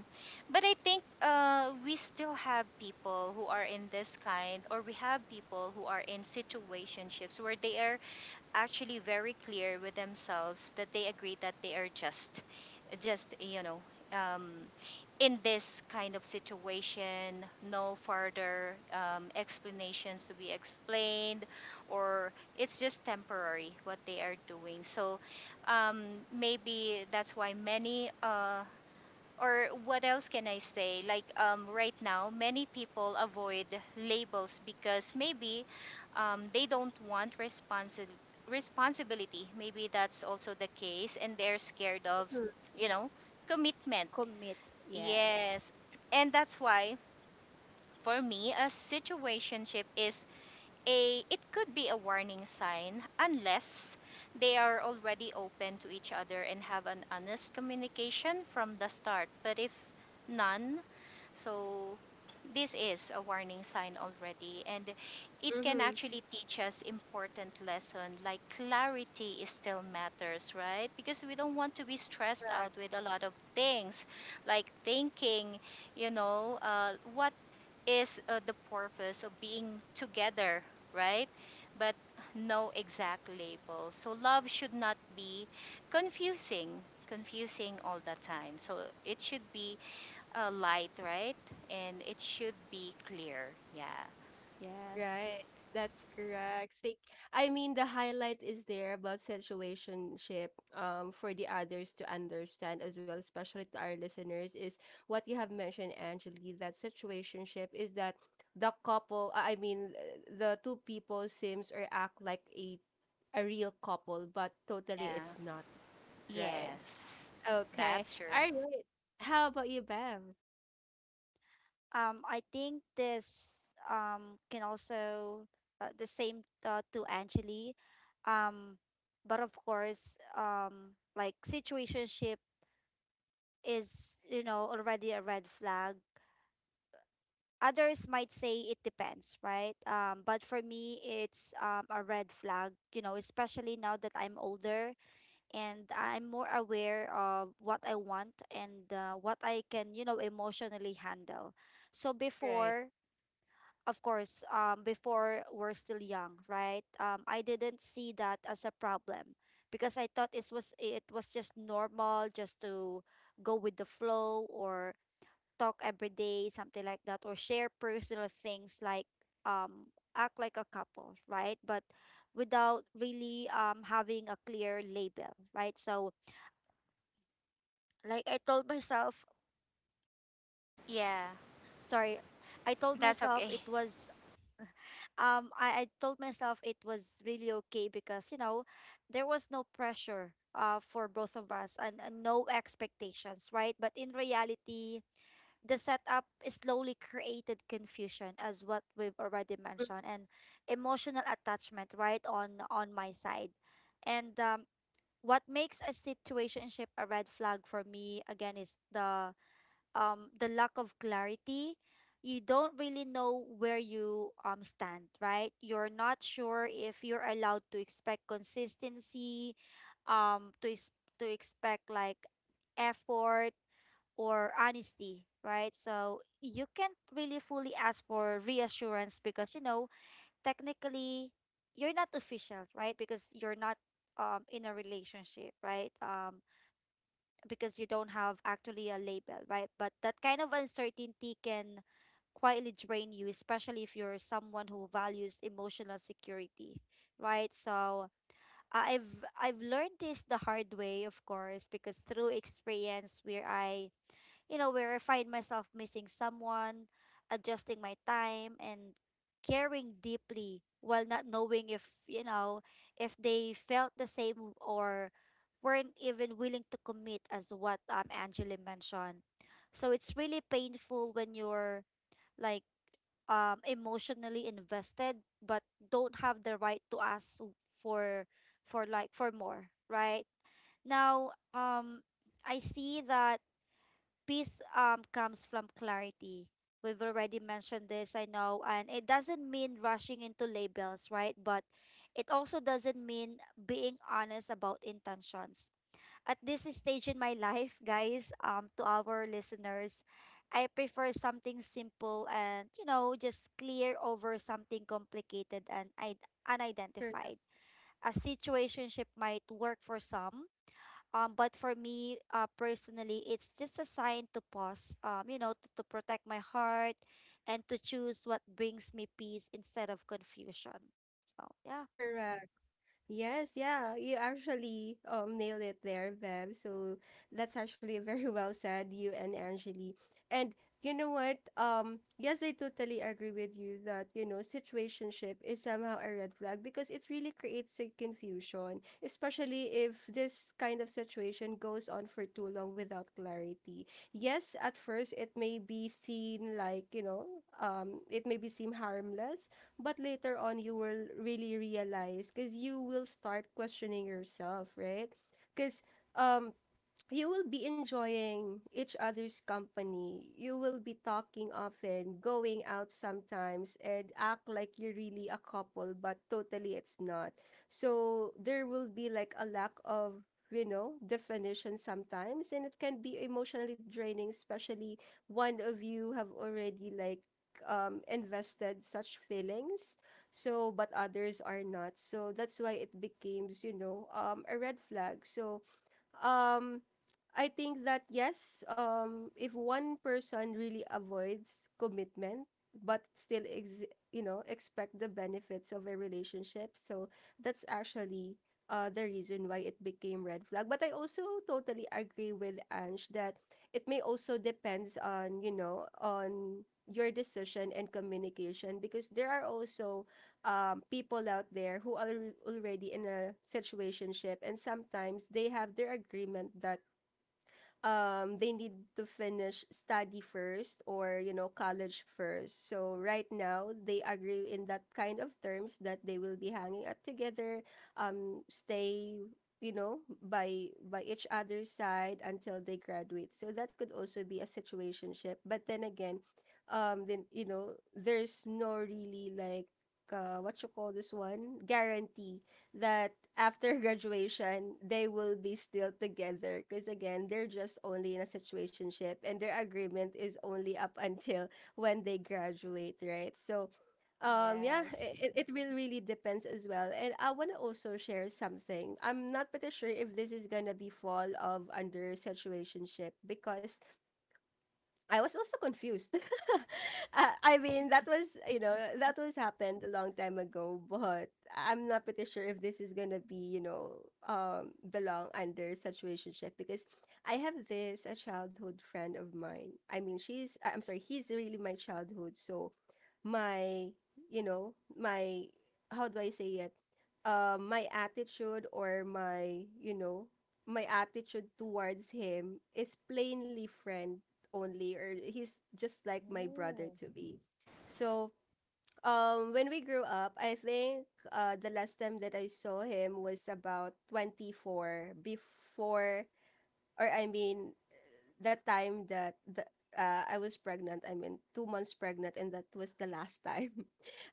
Speaker 2: but I think uh, we still have people who are in this kind, or we have people who are in situationships where they are actually very clear with themselves that they agree that they are just just you know um, in this kind of situation, no further um, explanations to be explained or it's just temporary what they are doing. So um, maybe that's why many uh, or what else can I say? Like um, right now, many people avoid labels because maybe um, they don't want responsi- responsibility. Maybe that's also the case, and they're scared of,
Speaker 1: Mm-hmm.
Speaker 2: you know, commitment.
Speaker 3: To commit. Yes.
Speaker 2: Yes, and that's why for me, a situationship is a. It could be a warning sign unless they are already open to each other and have an honest communication from the start. But if none, so this is a warning sign already, and it can
Speaker 1: Mm-hmm.
Speaker 2: actually teach us important lesson, like clarity is still matters, right? Because we don't want to be stressed out with a lot of things, like thinking, you know, uh, what is uh, the purpose of being together, right? But no exact label. So love should not be confusing confusing all the time. So it should be uh, light, right? And it should be clear. Yeah.
Speaker 3: Yes.
Speaker 1: Right. That's correct. Think I mean the highlight is there about situationship, um for the others to understand as well, especially to our listeners, is what you have mentioned, Angeli, that situationship is that the couple I I mean uh, the two people seems or act like a a real couple, but totally
Speaker 2: Yeah.
Speaker 1: it's not. Right.
Speaker 3: Yes.
Speaker 2: Yes.
Speaker 1: Okay.
Speaker 2: That's true.
Speaker 1: All right. How about you, Bev?
Speaker 3: Um, I think this um can also, uh, the same, uh, to Angeli. Um, but of course, um, like situationship is, you know, already a red flag. Others might say it depends, right? Um, but for me, it's um, a red flag, you know, especially now that I'm older and I'm more aware of what I want, and uh, what I can, you know, emotionally handle. So
Speaker 1: Right.
Speaker 3: before, of course, um, before we're still young, right? Um, I didn't see that as a problem because I thought it was it was just normal, just to go with the flow, or talk every day, something like that, or share personal things, like, um, act like a couple, right? But without really um, having a clear label, right? So, like I told myself,
Speaker 2: Yeah.
Speaker 3: sorry, I told
Speaker 2: That's
Speaker 3: myself
Speaker 2: okay.
Speaker 3: it was um I, I told myself it was really okay because you know there was no pressure uh for both of us, and, and no expectations, right, but in reality, the setup slowly created confusion, as what we've already mentioned, and emotional attachment, right, on on my side, and um what makes a situationship a red flag for me, again, is the um the lack of clarity. You don't really know where you um stand, right? You're not sure if you're allowed to expect consistency, um to ex- to expect like effort or honesty, right? So you can't really fully ask for reassurance because you know technically you're not official, right, because you're not um in a relationship, right, um because you don't have actually a label, right? But that kind of uncertainty can quietly drain you, especially if you're someone who values emotional security, right? So I- I've I've learned this the hard way, of course, because through experience where I you know, where I find myself missing someone, adjusting my time, and caring deeply while not knowing if, you know, if they felt the same or weren't even willing to commit as what um Angela mentioned. So it's really painful when you're like um emotionally invested but don't have the right to ask for for like for more, right? Now, um I see that peace um comes from clarity. We've already mentioned this, I know, and it doesn't mean rushing into labels, right? But it also doesn't mean being honest about intentions. At this stage in my life, guys, um to our listeners, I prefer something simple and, you know, just clear over something complicated and I- unidentified. A situationship might work for some, um, but for me, uh, personally, it's just a sign to pause, um, you know, to, to protect my heart and to choose what brings me peace instead of confusion. So, yeah.
Speaker 1: Correct. Yes, yeah, you actually um nailed it there, Bev. So that's actually very well said, you and Angeli. And you know what? Um, yes, I totally agree with you that, you know, situationship is somehow a red flag, because it really creates a confusion, especially if this kind of situation goes on for too long without clarity. Yes, at first it may be seen like, you know, um, it may be seem harmless, but later on you will really realize, because you will start questioning yourself, right? Because um you will be enjoying each other's company. You will be talking often, going out sometimes, and act like you're really a couple, but totally it's not. So there will be like a lack of, you know, definition sometimes, and it can be emotionally draining, especially one of you have already like um invested such feelings, so but others are not. So that's why it becomes, you know, um a red flag. So um, I think that, yes, um, if one person really avoids commitment but still ex- you know, expect the benefits of a relationship, so that's actually uh, the reason why it became red flag. But I also totally agree with Ange that it may also depends on you know on your decision and communication, because there are also um, people out there who are already in a situationship, and sometimes they have their agreement that um they need to finish study first, or you know, college first, so right now they agree in that kind of terms that they will be hanging out together, um stay, you know, by by each other's side until they graduate. So that could also be a situationship, but then again, um then you know there's no really like uh, what you call this one, guarantee that after graduation they will be still together, because again they're just only in a situationship, and their agreement is only up until when they graduate, right? So um yeah,
Speaker 3: Yes.
Speaker 1: it, it will really depends as well. And I want to also share something. I'm not pretty sure if this is gonna be fall of under situationship, because I was also confused. Uh, I mean, that was, you know, that was happened a long time ago, but I'm not pretty sure if this is going to be, you know, um, belong under such relationship. Because I have this, a childhood friend of mine. I mean, she's, I- I'm sorry, he's really my childhood. So my you know my how do I say it, uh, my attitude or my you know, my attitude towards him is plainly friend only, or he's just like my brother
Speaker 3: Oh.
Speaker 1: to be. So um when we grew up, I think uh the last time that I saw him was about twenty-four before, or I mean the time that the uh, I was pregnant. I mean, two months pregnant, and that was the last time.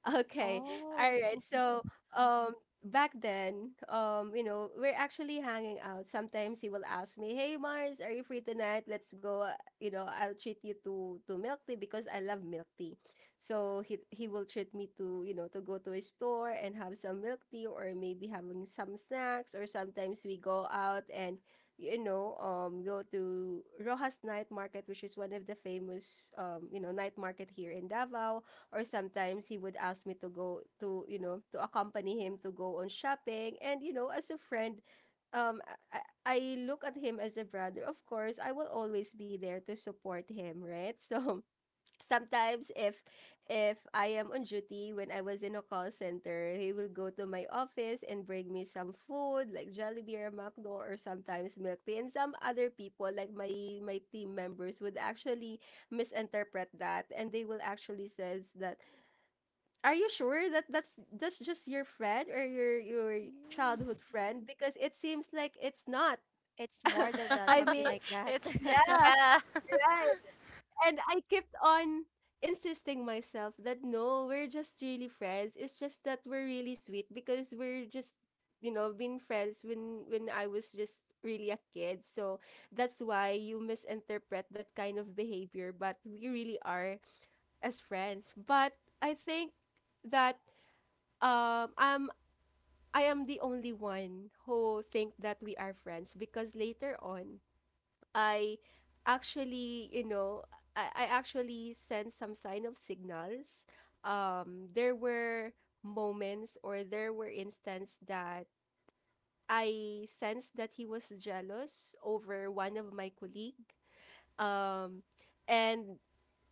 Speaker 1: Okay. All
Speaker 3: Oh.
Speaker 1: right. So, um, back then, um, you know, we're actually hanging out. Sometimes he will ask me, "Hey, Mars, are you free tonight? Let's go. Uh, you know, I'll treat you to to milk tea, because I love milk tea." So he he will treat me to you know to go to a store and have some milk tea, or maybe having some snacks, or sometimes we go out and. You know, um, go to Rojas Night Market, which is one of the famous, um, you know, night market here in Davao, or sometimes he would ask me to go to you know to accompany him to go on shopping, and you know, as a friend, um I, I I look at him as a brother, of course I will always be there to support him, right? So sometimes if if I am on duty when I was in a call center, he will go to my office and bring me some food like Jollibee or McDo, or sometimes milk tea. And some other people, like my my team members would actually misinterpret that, and they will actually says that, "Are you sure that that's that's just your friend, or your your
Speaker 3: Mm.
Speaker 1: childhood friend? Because it seems like it's not."
Speaker 3: It's more than that,
Speaker 1: I
Speaker 3: something
Speaker 1: mean,
Speaker 3: like that.
Speaker 2: It's
Speaker 1: yeah,
Speaker 2: yeah.
Speaker 1: right. And I kept on insisting myself that no, we're just really friends. It's just that we're really sweet, because we're just, you know, been friends when when I was just really a kid. So that's why you misinterpret that kind of behavior, but we really are as friends. But I think that um I'm I am the only one who think that we are friends, because later on I actually, you know, I, I actually sent some sign of signals. Um, there were moments, or there were instances that I sensed that he was jealous over one of my colleague. Um, and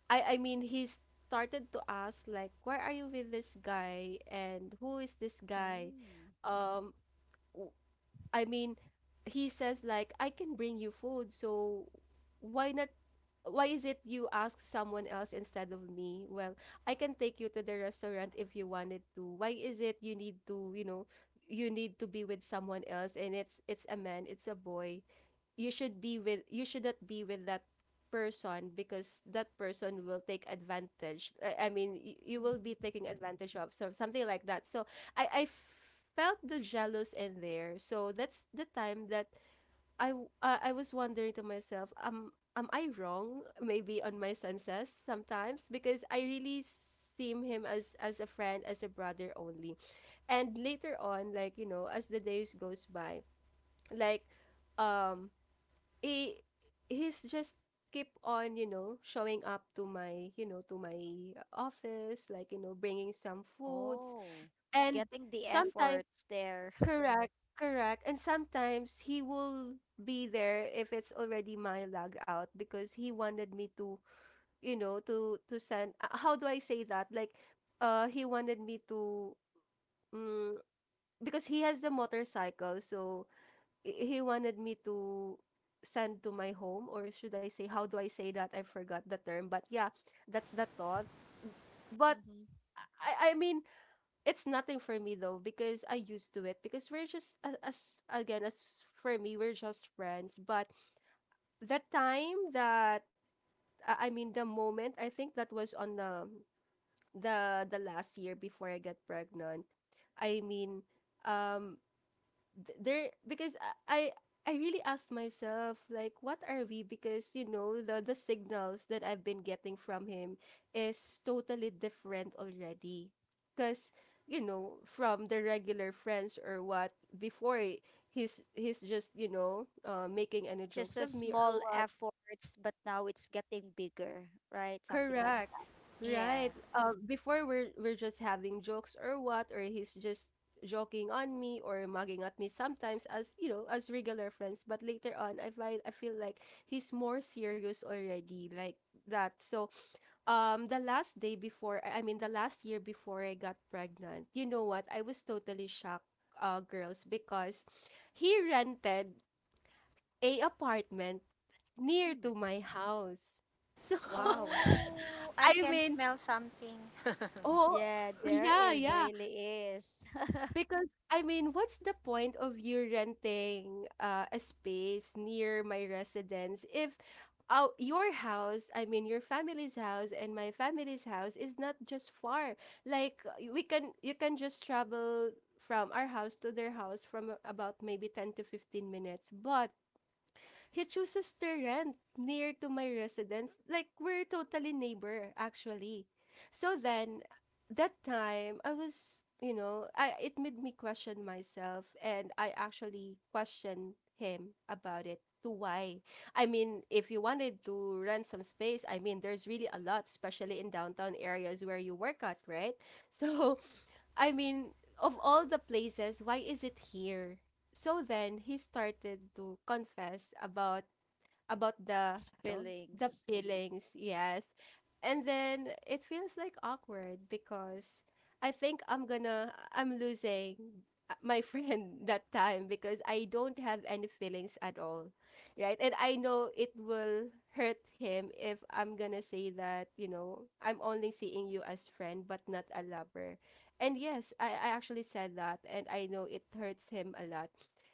Speaker 1: I I mean he started to ask like, "Why are you with this guy? And who is this guy?"
Speaker 3: Mm.
Speaker 1: Um, I mean, he says like I can bring you food, so why not, why is it you ask someone else instead of me? Well, I can take you to the restaurant if you wanted to. Why is it you need to, you know, you need to be with someone else, and it's it's a man, it's a boy you should be with. You shouldn't be with that person because that person will take advantage. I- i mean y- you will be
Speaker 3: Mhm.
Speaker 1: taking advantage of, so something like that. So i i felt the jealous in there. So that's the time that i w- uh, I was wondering to myself, um am I wrong maybe on my senses sometimes, because I really seem him as as a friend, as a brother only. And later on, like, you know, as the days goes by, like, um he, he's just keep on, you know, showing up to my, you know, to my office, like, you know, bringing some foods.
Speaker 3: Oh.
Speaker 1: And
Speaker 3: Getting the
Speaker 1: sometimes,
Speaker 3: efforts there.
Speaker 1: correct, correct. And sometimes he will be there if it's already my log out, because he wanted me to, you know, to to send. uh, How do I say that? Like, uh, he wanted me to, mm, because he has the motorcycle, so i- he wanted me to send to my home, or should I say, how do I say that? I forgot the term, but yeah, that's the thought. B- but
Speaker 3: Hmm.
Speaker 1: I I mean, it's nothing for me though, because I used to it, because we're just a- as again, as for me, we're just friends. But the time that I I mean, the moment, I think that was on the the the last year before I got pregnant. I mean, um th- there, because I I really asked myself like, what are we? Because, you know, the the signals that I've been getting from him is totally different already, because, you know, from the regular friends or what. Before, he's he's just, you know, uh, making any
Speaker 3: Just
Speaker 1: jokes
Speaker 3: a
Speaker 1: of me or
Speaker 3: small
Speaker 1: what.
Speaker 3: efforts, but now it's getting bigger, right? Something like.
Speaker 1: Correct. Right.
Speaker 2: Yeah.
Speaker 1: Uh, before, we're we're just having jokes or what, or he's just joking on me or mugging at me sometimes, as you know, as regular friends. But later on, I find, I feel like he's more serious already, like that. So, um, the last day before, I I mean, the last year before I got pregnant, you know what? I was totally shocked, uh, girls, because he rented a apartment near to my house. So
Speaker 3: Wow.
Speaker 2: Oh, I
Speaker 1: I
Speaker 2: can
Speaker 1: mean,
Speaker 2: smell something.
Speaker 1: oh,
Speaker 3: Yeah, there
Speaker 1: yeah,
Speaker 3: is
Speaker 1: yeah.
Speaker 3: really is.
Speaker 1: Because I mean, what's the point of you renting uh, a space near my residence, if uh, your house, I mean, your family's house and my family's house is not just far. Like, we can, you can just travel from our house to their house from about maybe ten to fifteen minutes. But he chooses to rent near to my residence. Like we're totally neighbor actually. So then that time I was, you know, I, it made me question myself and I actually questioned him about it, to why. I mean, if you wanted to rent some space, I mean, there's really a lot, especially in downtown areas where you work at, right? So, I mean, of all the places, why is it here? So then he started to confess about about the,
Speaker 3: His
Speaker 1: you know, the
Speaker 3: feelings.
Speaker 1: feelings. Yes. And then it feels like awkward because I think I'm gonna, I'm losing uh, my friend that time, because I don't have any feelings at all, right? And I know it will hurt him if I'm gonna say that, you know, I'm only seeing you as friend but not a lover. And yes, i, I actually said that, and I know it hurts him a lot.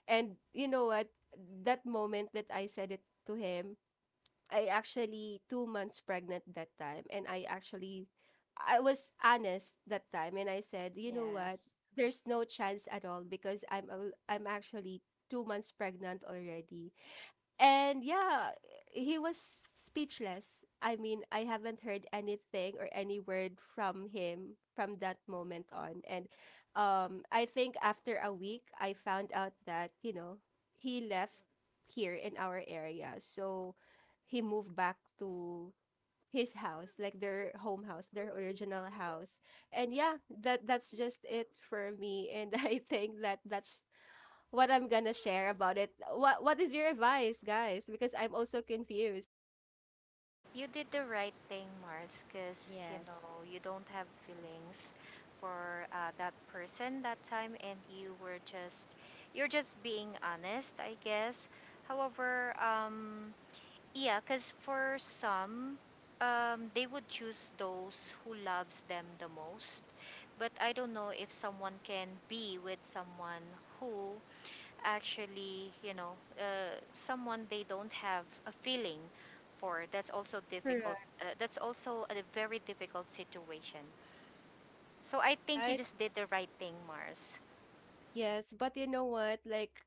Speaker 1: And you know what, that moment that I said it to him, I actually two months pregnant that time, and I actually, I was honest that time and I said, you know what?
Speaker 3: Yes.
Speaker 1: There's no chance at all because I'm al- I'm actually two months pregnant already. And yeah, he was speechless. I mean, I haven't heard anything or any word from him from that moment on. And um, I think after a week, I found out that, you know, he left here in our area. So he moved back to his house, like their home house, their original house. And yeah, that that's just it for me. And I think that that's what I'm gonna share about it. What What is your advice, guys? Because I'm also confused.
Speaker 2: You did the right thing, Mars, because you
Speaker 3: Yes.
Speaker 2: know you don't have feelings for uh, that person that time, and you were just you're just being honest, I guess. However, um, yeah, because for some, um, they would choose those who loves them the most. But I don't know if someone can be with someone who actually, you know, uh, someone they don't have a feeling for. That's also difficult.
Speaker 1: Correct.
Speaker 2: Uh, that's also a very difficult situation. So I think you
Speaker 1: Right?
Speaker 2: just did the right thing, Mars.
Speaker 1: Yes. But you know what? Like,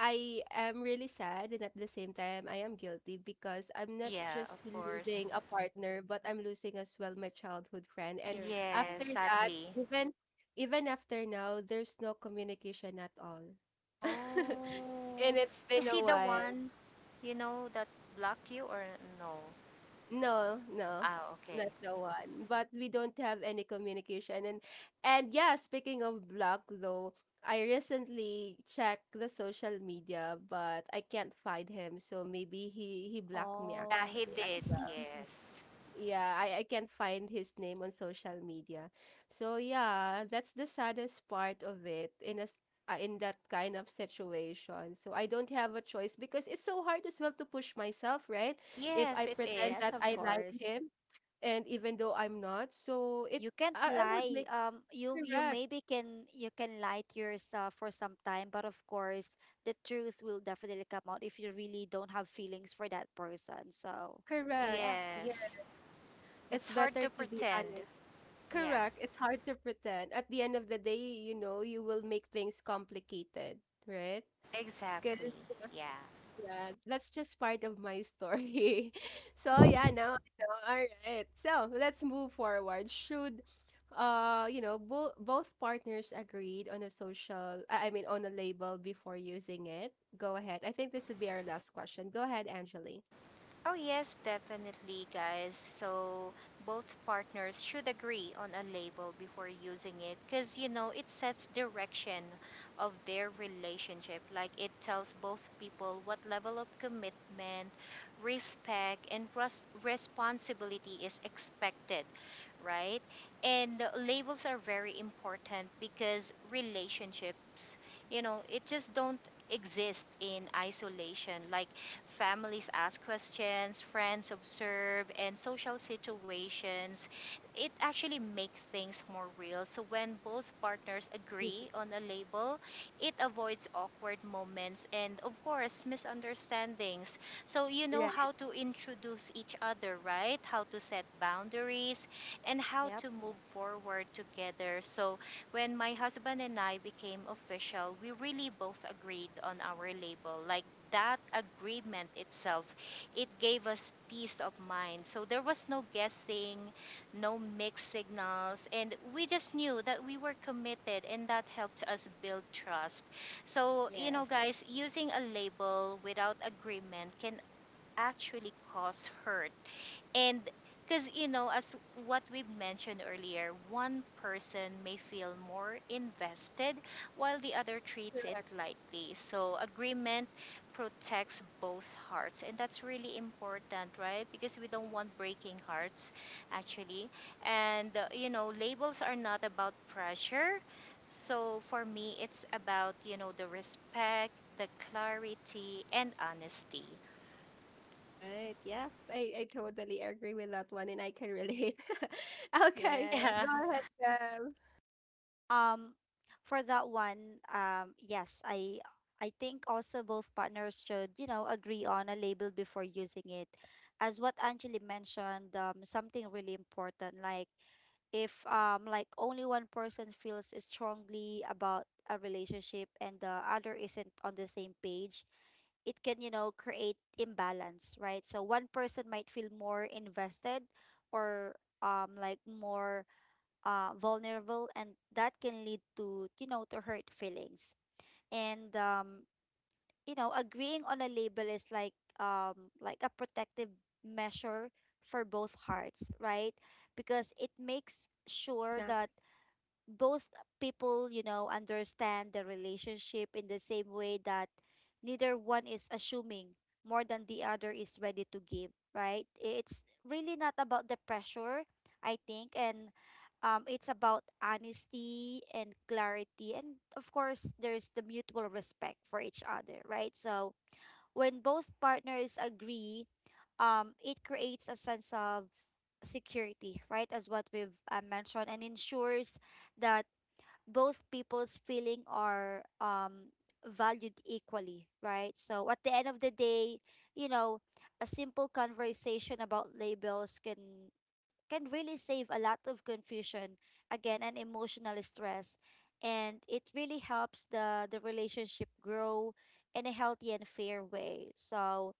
Speaker 1: I am really sad, and at the same time, I am guilty because I'm not
Speaker 2: Yeah,
Speaker 1: just
Speaker 2: of course.
Speaker 1: losing a partner, but I'm losing as well my childhood friend. And
Speaker 3: Your
Speaker 2: Yeah,
Speaker 1: after
Speaker 3: friend.
Speaker 1: that,
Speaker 2: sadly.
Speaker 1: even, even after now, there's no communication at all. And
Speaker 2: Oh,
Speaker 1: it's been
Speaker 2: is
Speaker 1: a
Speaker 2: he the
Speaker 1: while.
Speaker 2: one, you know, that blocked you or no?
Speaker 1: No, no,
Speaker 2: Ah, okay.
Speaker 1: not the one. But we don't have any communication. And and yeah, speaking of block though, I recently checked the social media, but I can't find him. So maybe he he blocked me
Speaker 2: Yeah,
Speaker 3: Oh.
Speaker 2: he
Speaker 1: actually as
Speaker 2: did.
Speaker 1: well.
Speaker 2: Yes.
Speaker 1: Yeah, I I can't find his name on social media. So yeah, that's the saddest part of it in a s- uh, in that kind of situation. So I don't have a choice because it's so hard as well to push myself, right? If I
Speaker 2: Yes, it
Speaker 1: pretend
Speaker 3: Yes,
Speaker 1: that
Speaker 2: is.
Speaker 3: of
Speaker 1: I like
Speaker 3: course.
Speaker 1: him and even though I'm not, so it,
Speaker 3: You can't
Speaker 1: I, I would
Speaker 3: lie.
Speaker 1: make,
Speaker 3: Um, you you
Speaker 1: correct,
Speaker 3: maybe can you can lie to yourself for some time, but of course, the truth will definitely come out if you really don't have feelings for that person. So,
Speaker 1: correct.
Speaker 3: yeah.
Speaker 1: Yeah,
Speaker 2: Yes. It's
Speaker 1: it's
Speaker 2: hard
Speaker 1: better
Speaker 2: to
Speaker 1: to be
Speaker 2: pretend.
Speaker 1: honest.
Speaker 2: Yeah,
Speaker 1: Correct. It's hard to pretend. At the end of the day, you know, you will make things complicated, right? Because,
Speaker 2: exactly. Yeah.
Speaker 1: yeah, that's just part of my story. So yeah, now I know. All right. So let's move forward. Should uh you know, both, both partners agreed on a social, I I mean, on a label before using it? Go ahead. I think this would be our last question. Go ahead, Angeli.
Speaker 2: Oh, yes, definitely, guys. So, both partners should agree on a label before using it because, you know, it sets direction of their relationship. Like, it tells both people what level of commitment, respect, and res- responsibility is expected, right? And uh, labels are very important because relationships, you know, it just don't exist in isolation. Like, families ask questions, friends observe, and social situations. It actually makes things more real. So when both partners agree
Speaker 1: Yes.
Speaker 2: on a label, it avoids awkward moments and, of course, misunderstandings. So you know
Speaker 1: Right,
Speaker 2: how to introduce each other, right? How to set boundaries and how
Speaker 3: Yep.
Speaker 2: to move forward together. So when my husband and I became official, we really both agreed on our label. Like that agreement itself, it gave us peace of mind. So there was no guessing, no mixed signals, and we just knew that we were committed, and that helped us build trust. So, you know,
Speaker 3: Yes.
Speaker 2: guys, using a label without agreement can actually cause hurt. And because, you know, as what we've mentioned earlier, one person may feel more invested while the other treats it lightly. So, agreement protects both hearts. And that's really important, right? Because we don't want breaking hearts, actually. And, uh, you know, labels are not about pressure. So, for me, it's about, you know, the respect, the clarity, and honesty.
Speaker 1: right. Yeah. I, I totally agree with that one and I can relate. Okay. Go
Speaker 2: Yeah.
Speaker 3: Yes.
Speaker 1: ahead, Gab.
Speaker 3: Um, for that one, um, yes, I I think also both partners should, you know, agree on a label before using it. As what Angeli mentioned, um, something really important, like if um like only one person feels strongly about a relationship and the other isn't on the same page, it can, you know, create imbalance, right? So one person might feel more invested or um like more uh, vulnerable, and that can lead to, you know, to hurt feelings. And um, you know, agreeing on a label is like, um, like a protective measure for both hearts, right? Because it makes sure
Speaker 1: Exactly.
Speaker 3: that both people, you know, understand the relationship in the same way, that neither one is assuming more than the other is ready to give, right? It's really not about the pressure, I think, and um, it's about honesty and clarity. And of course, there's the mutual respect for each other, right? So when both partners agree, um, it creates a sense of security, right? As what we've uh, mentioned, and ensures that both people's feeling are um valued equally, right? So at the end of the day, you know, a simple conversation about labels can can really save a lot of confusion again and emotional stress, and it really helps the the relationship grow in a healthy and fair way. So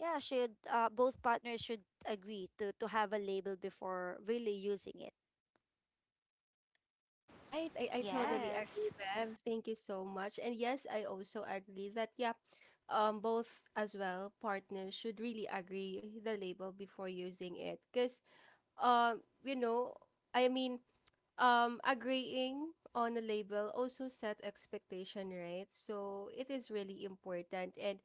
Speaker 3: yeah, should uh, both partners should agree to to have a label before really using it.
Speaker 1: Right. I, I
Speaker 3: Yeah,
Speaker 1: totally agree,
Speaker 2: Yes.
Speaker 1: Bev. Thank you so much. And yes, I also agree that, yeah, um, both as well, partners should really agree the label before using it. Because, um, you know, I mean, um, agreeing on a label also set expectation, right? So it is really important. And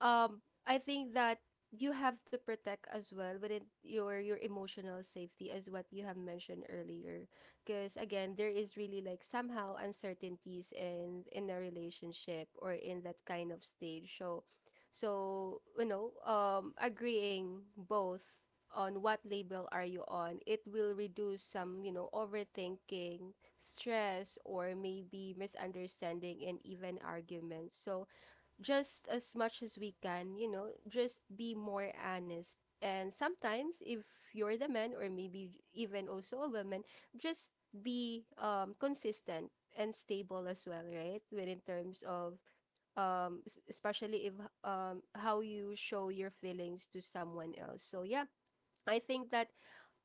Speaker 1: um I think that you have to protect as well within your your emotional safety as what you have mentioned earlier, because again, there is really like somehow uncertainties in in a relationship or in that kind of stage. So, so you know, um agreeing both on what label are you on, it will reduce some, you know, overthinking, stress, or maybe misunderstanding and even arguments. So just as much as we can, you know, just be more honest. And sometimes, if you're the man, or maybe even also a woman, just be um, consistent and stable as well, right? When in terms of, um, s- especially if um, how you show your feelings to someone else. So, yeah, I think that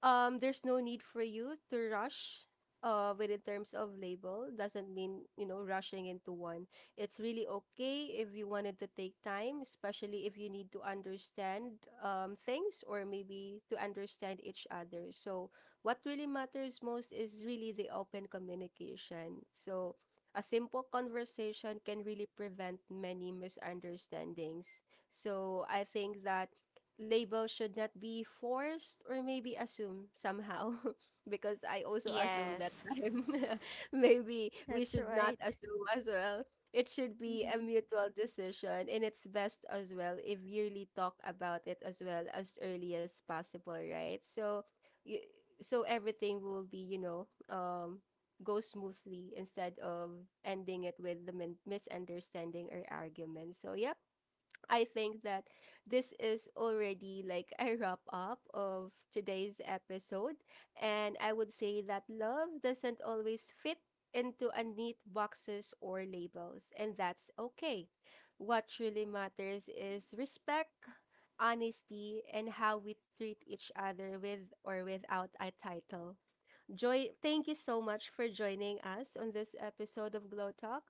Speaker 1: um there's no need for you to rush uh within terms of label, doesn't mean, you know, rushing into one. It's really okay if you wanted to take time, especially if you need to understand um things or maybe to understand each other. So what really matters most is really the open communication. So a simple conversation can really prevent many misunderstandings. So I think that label should not be forced or maybe assumed somehow because I also assumed that
Speaker 2: Yes.
Speaker 1: time. Maybe we
Speaker 3: that's
Speaker 1: should not
Speaker 3: right.
Speaker 1: assume as well. It should be a
Speaker 3: Mm-hmm.
Speaker 1: mutual decision, and it's best as well if you really talk about it as well as early as possible, right? So you, so everything will be, you know, um go smoothly instead of ending it with the min- misunderstanding or argument. So, yep, I think that this is already like a wrap up of today's episode. And I would say that love doesn't always fit into a neat boxes or labels, and that's okay. What truly matters is respect, honesty, and how we treat each other with or without a title. Joy, thank you so much for joining us on this episode of Glow Talk.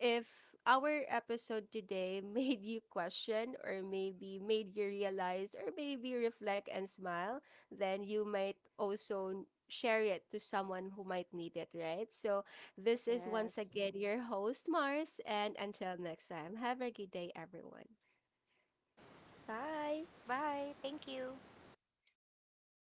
Speaker 1: If our episode today made you question, or maybe made you realize, or maybe reflect and smile, then you might also share it to someone who might need it, right? So, this is once
Speaker 3: Yes.
Speaker 1: again your host, Mars, and until next time, have a good day, everyone.
Speaker 3: Bye.
Speaker 2: Bye. Thank you.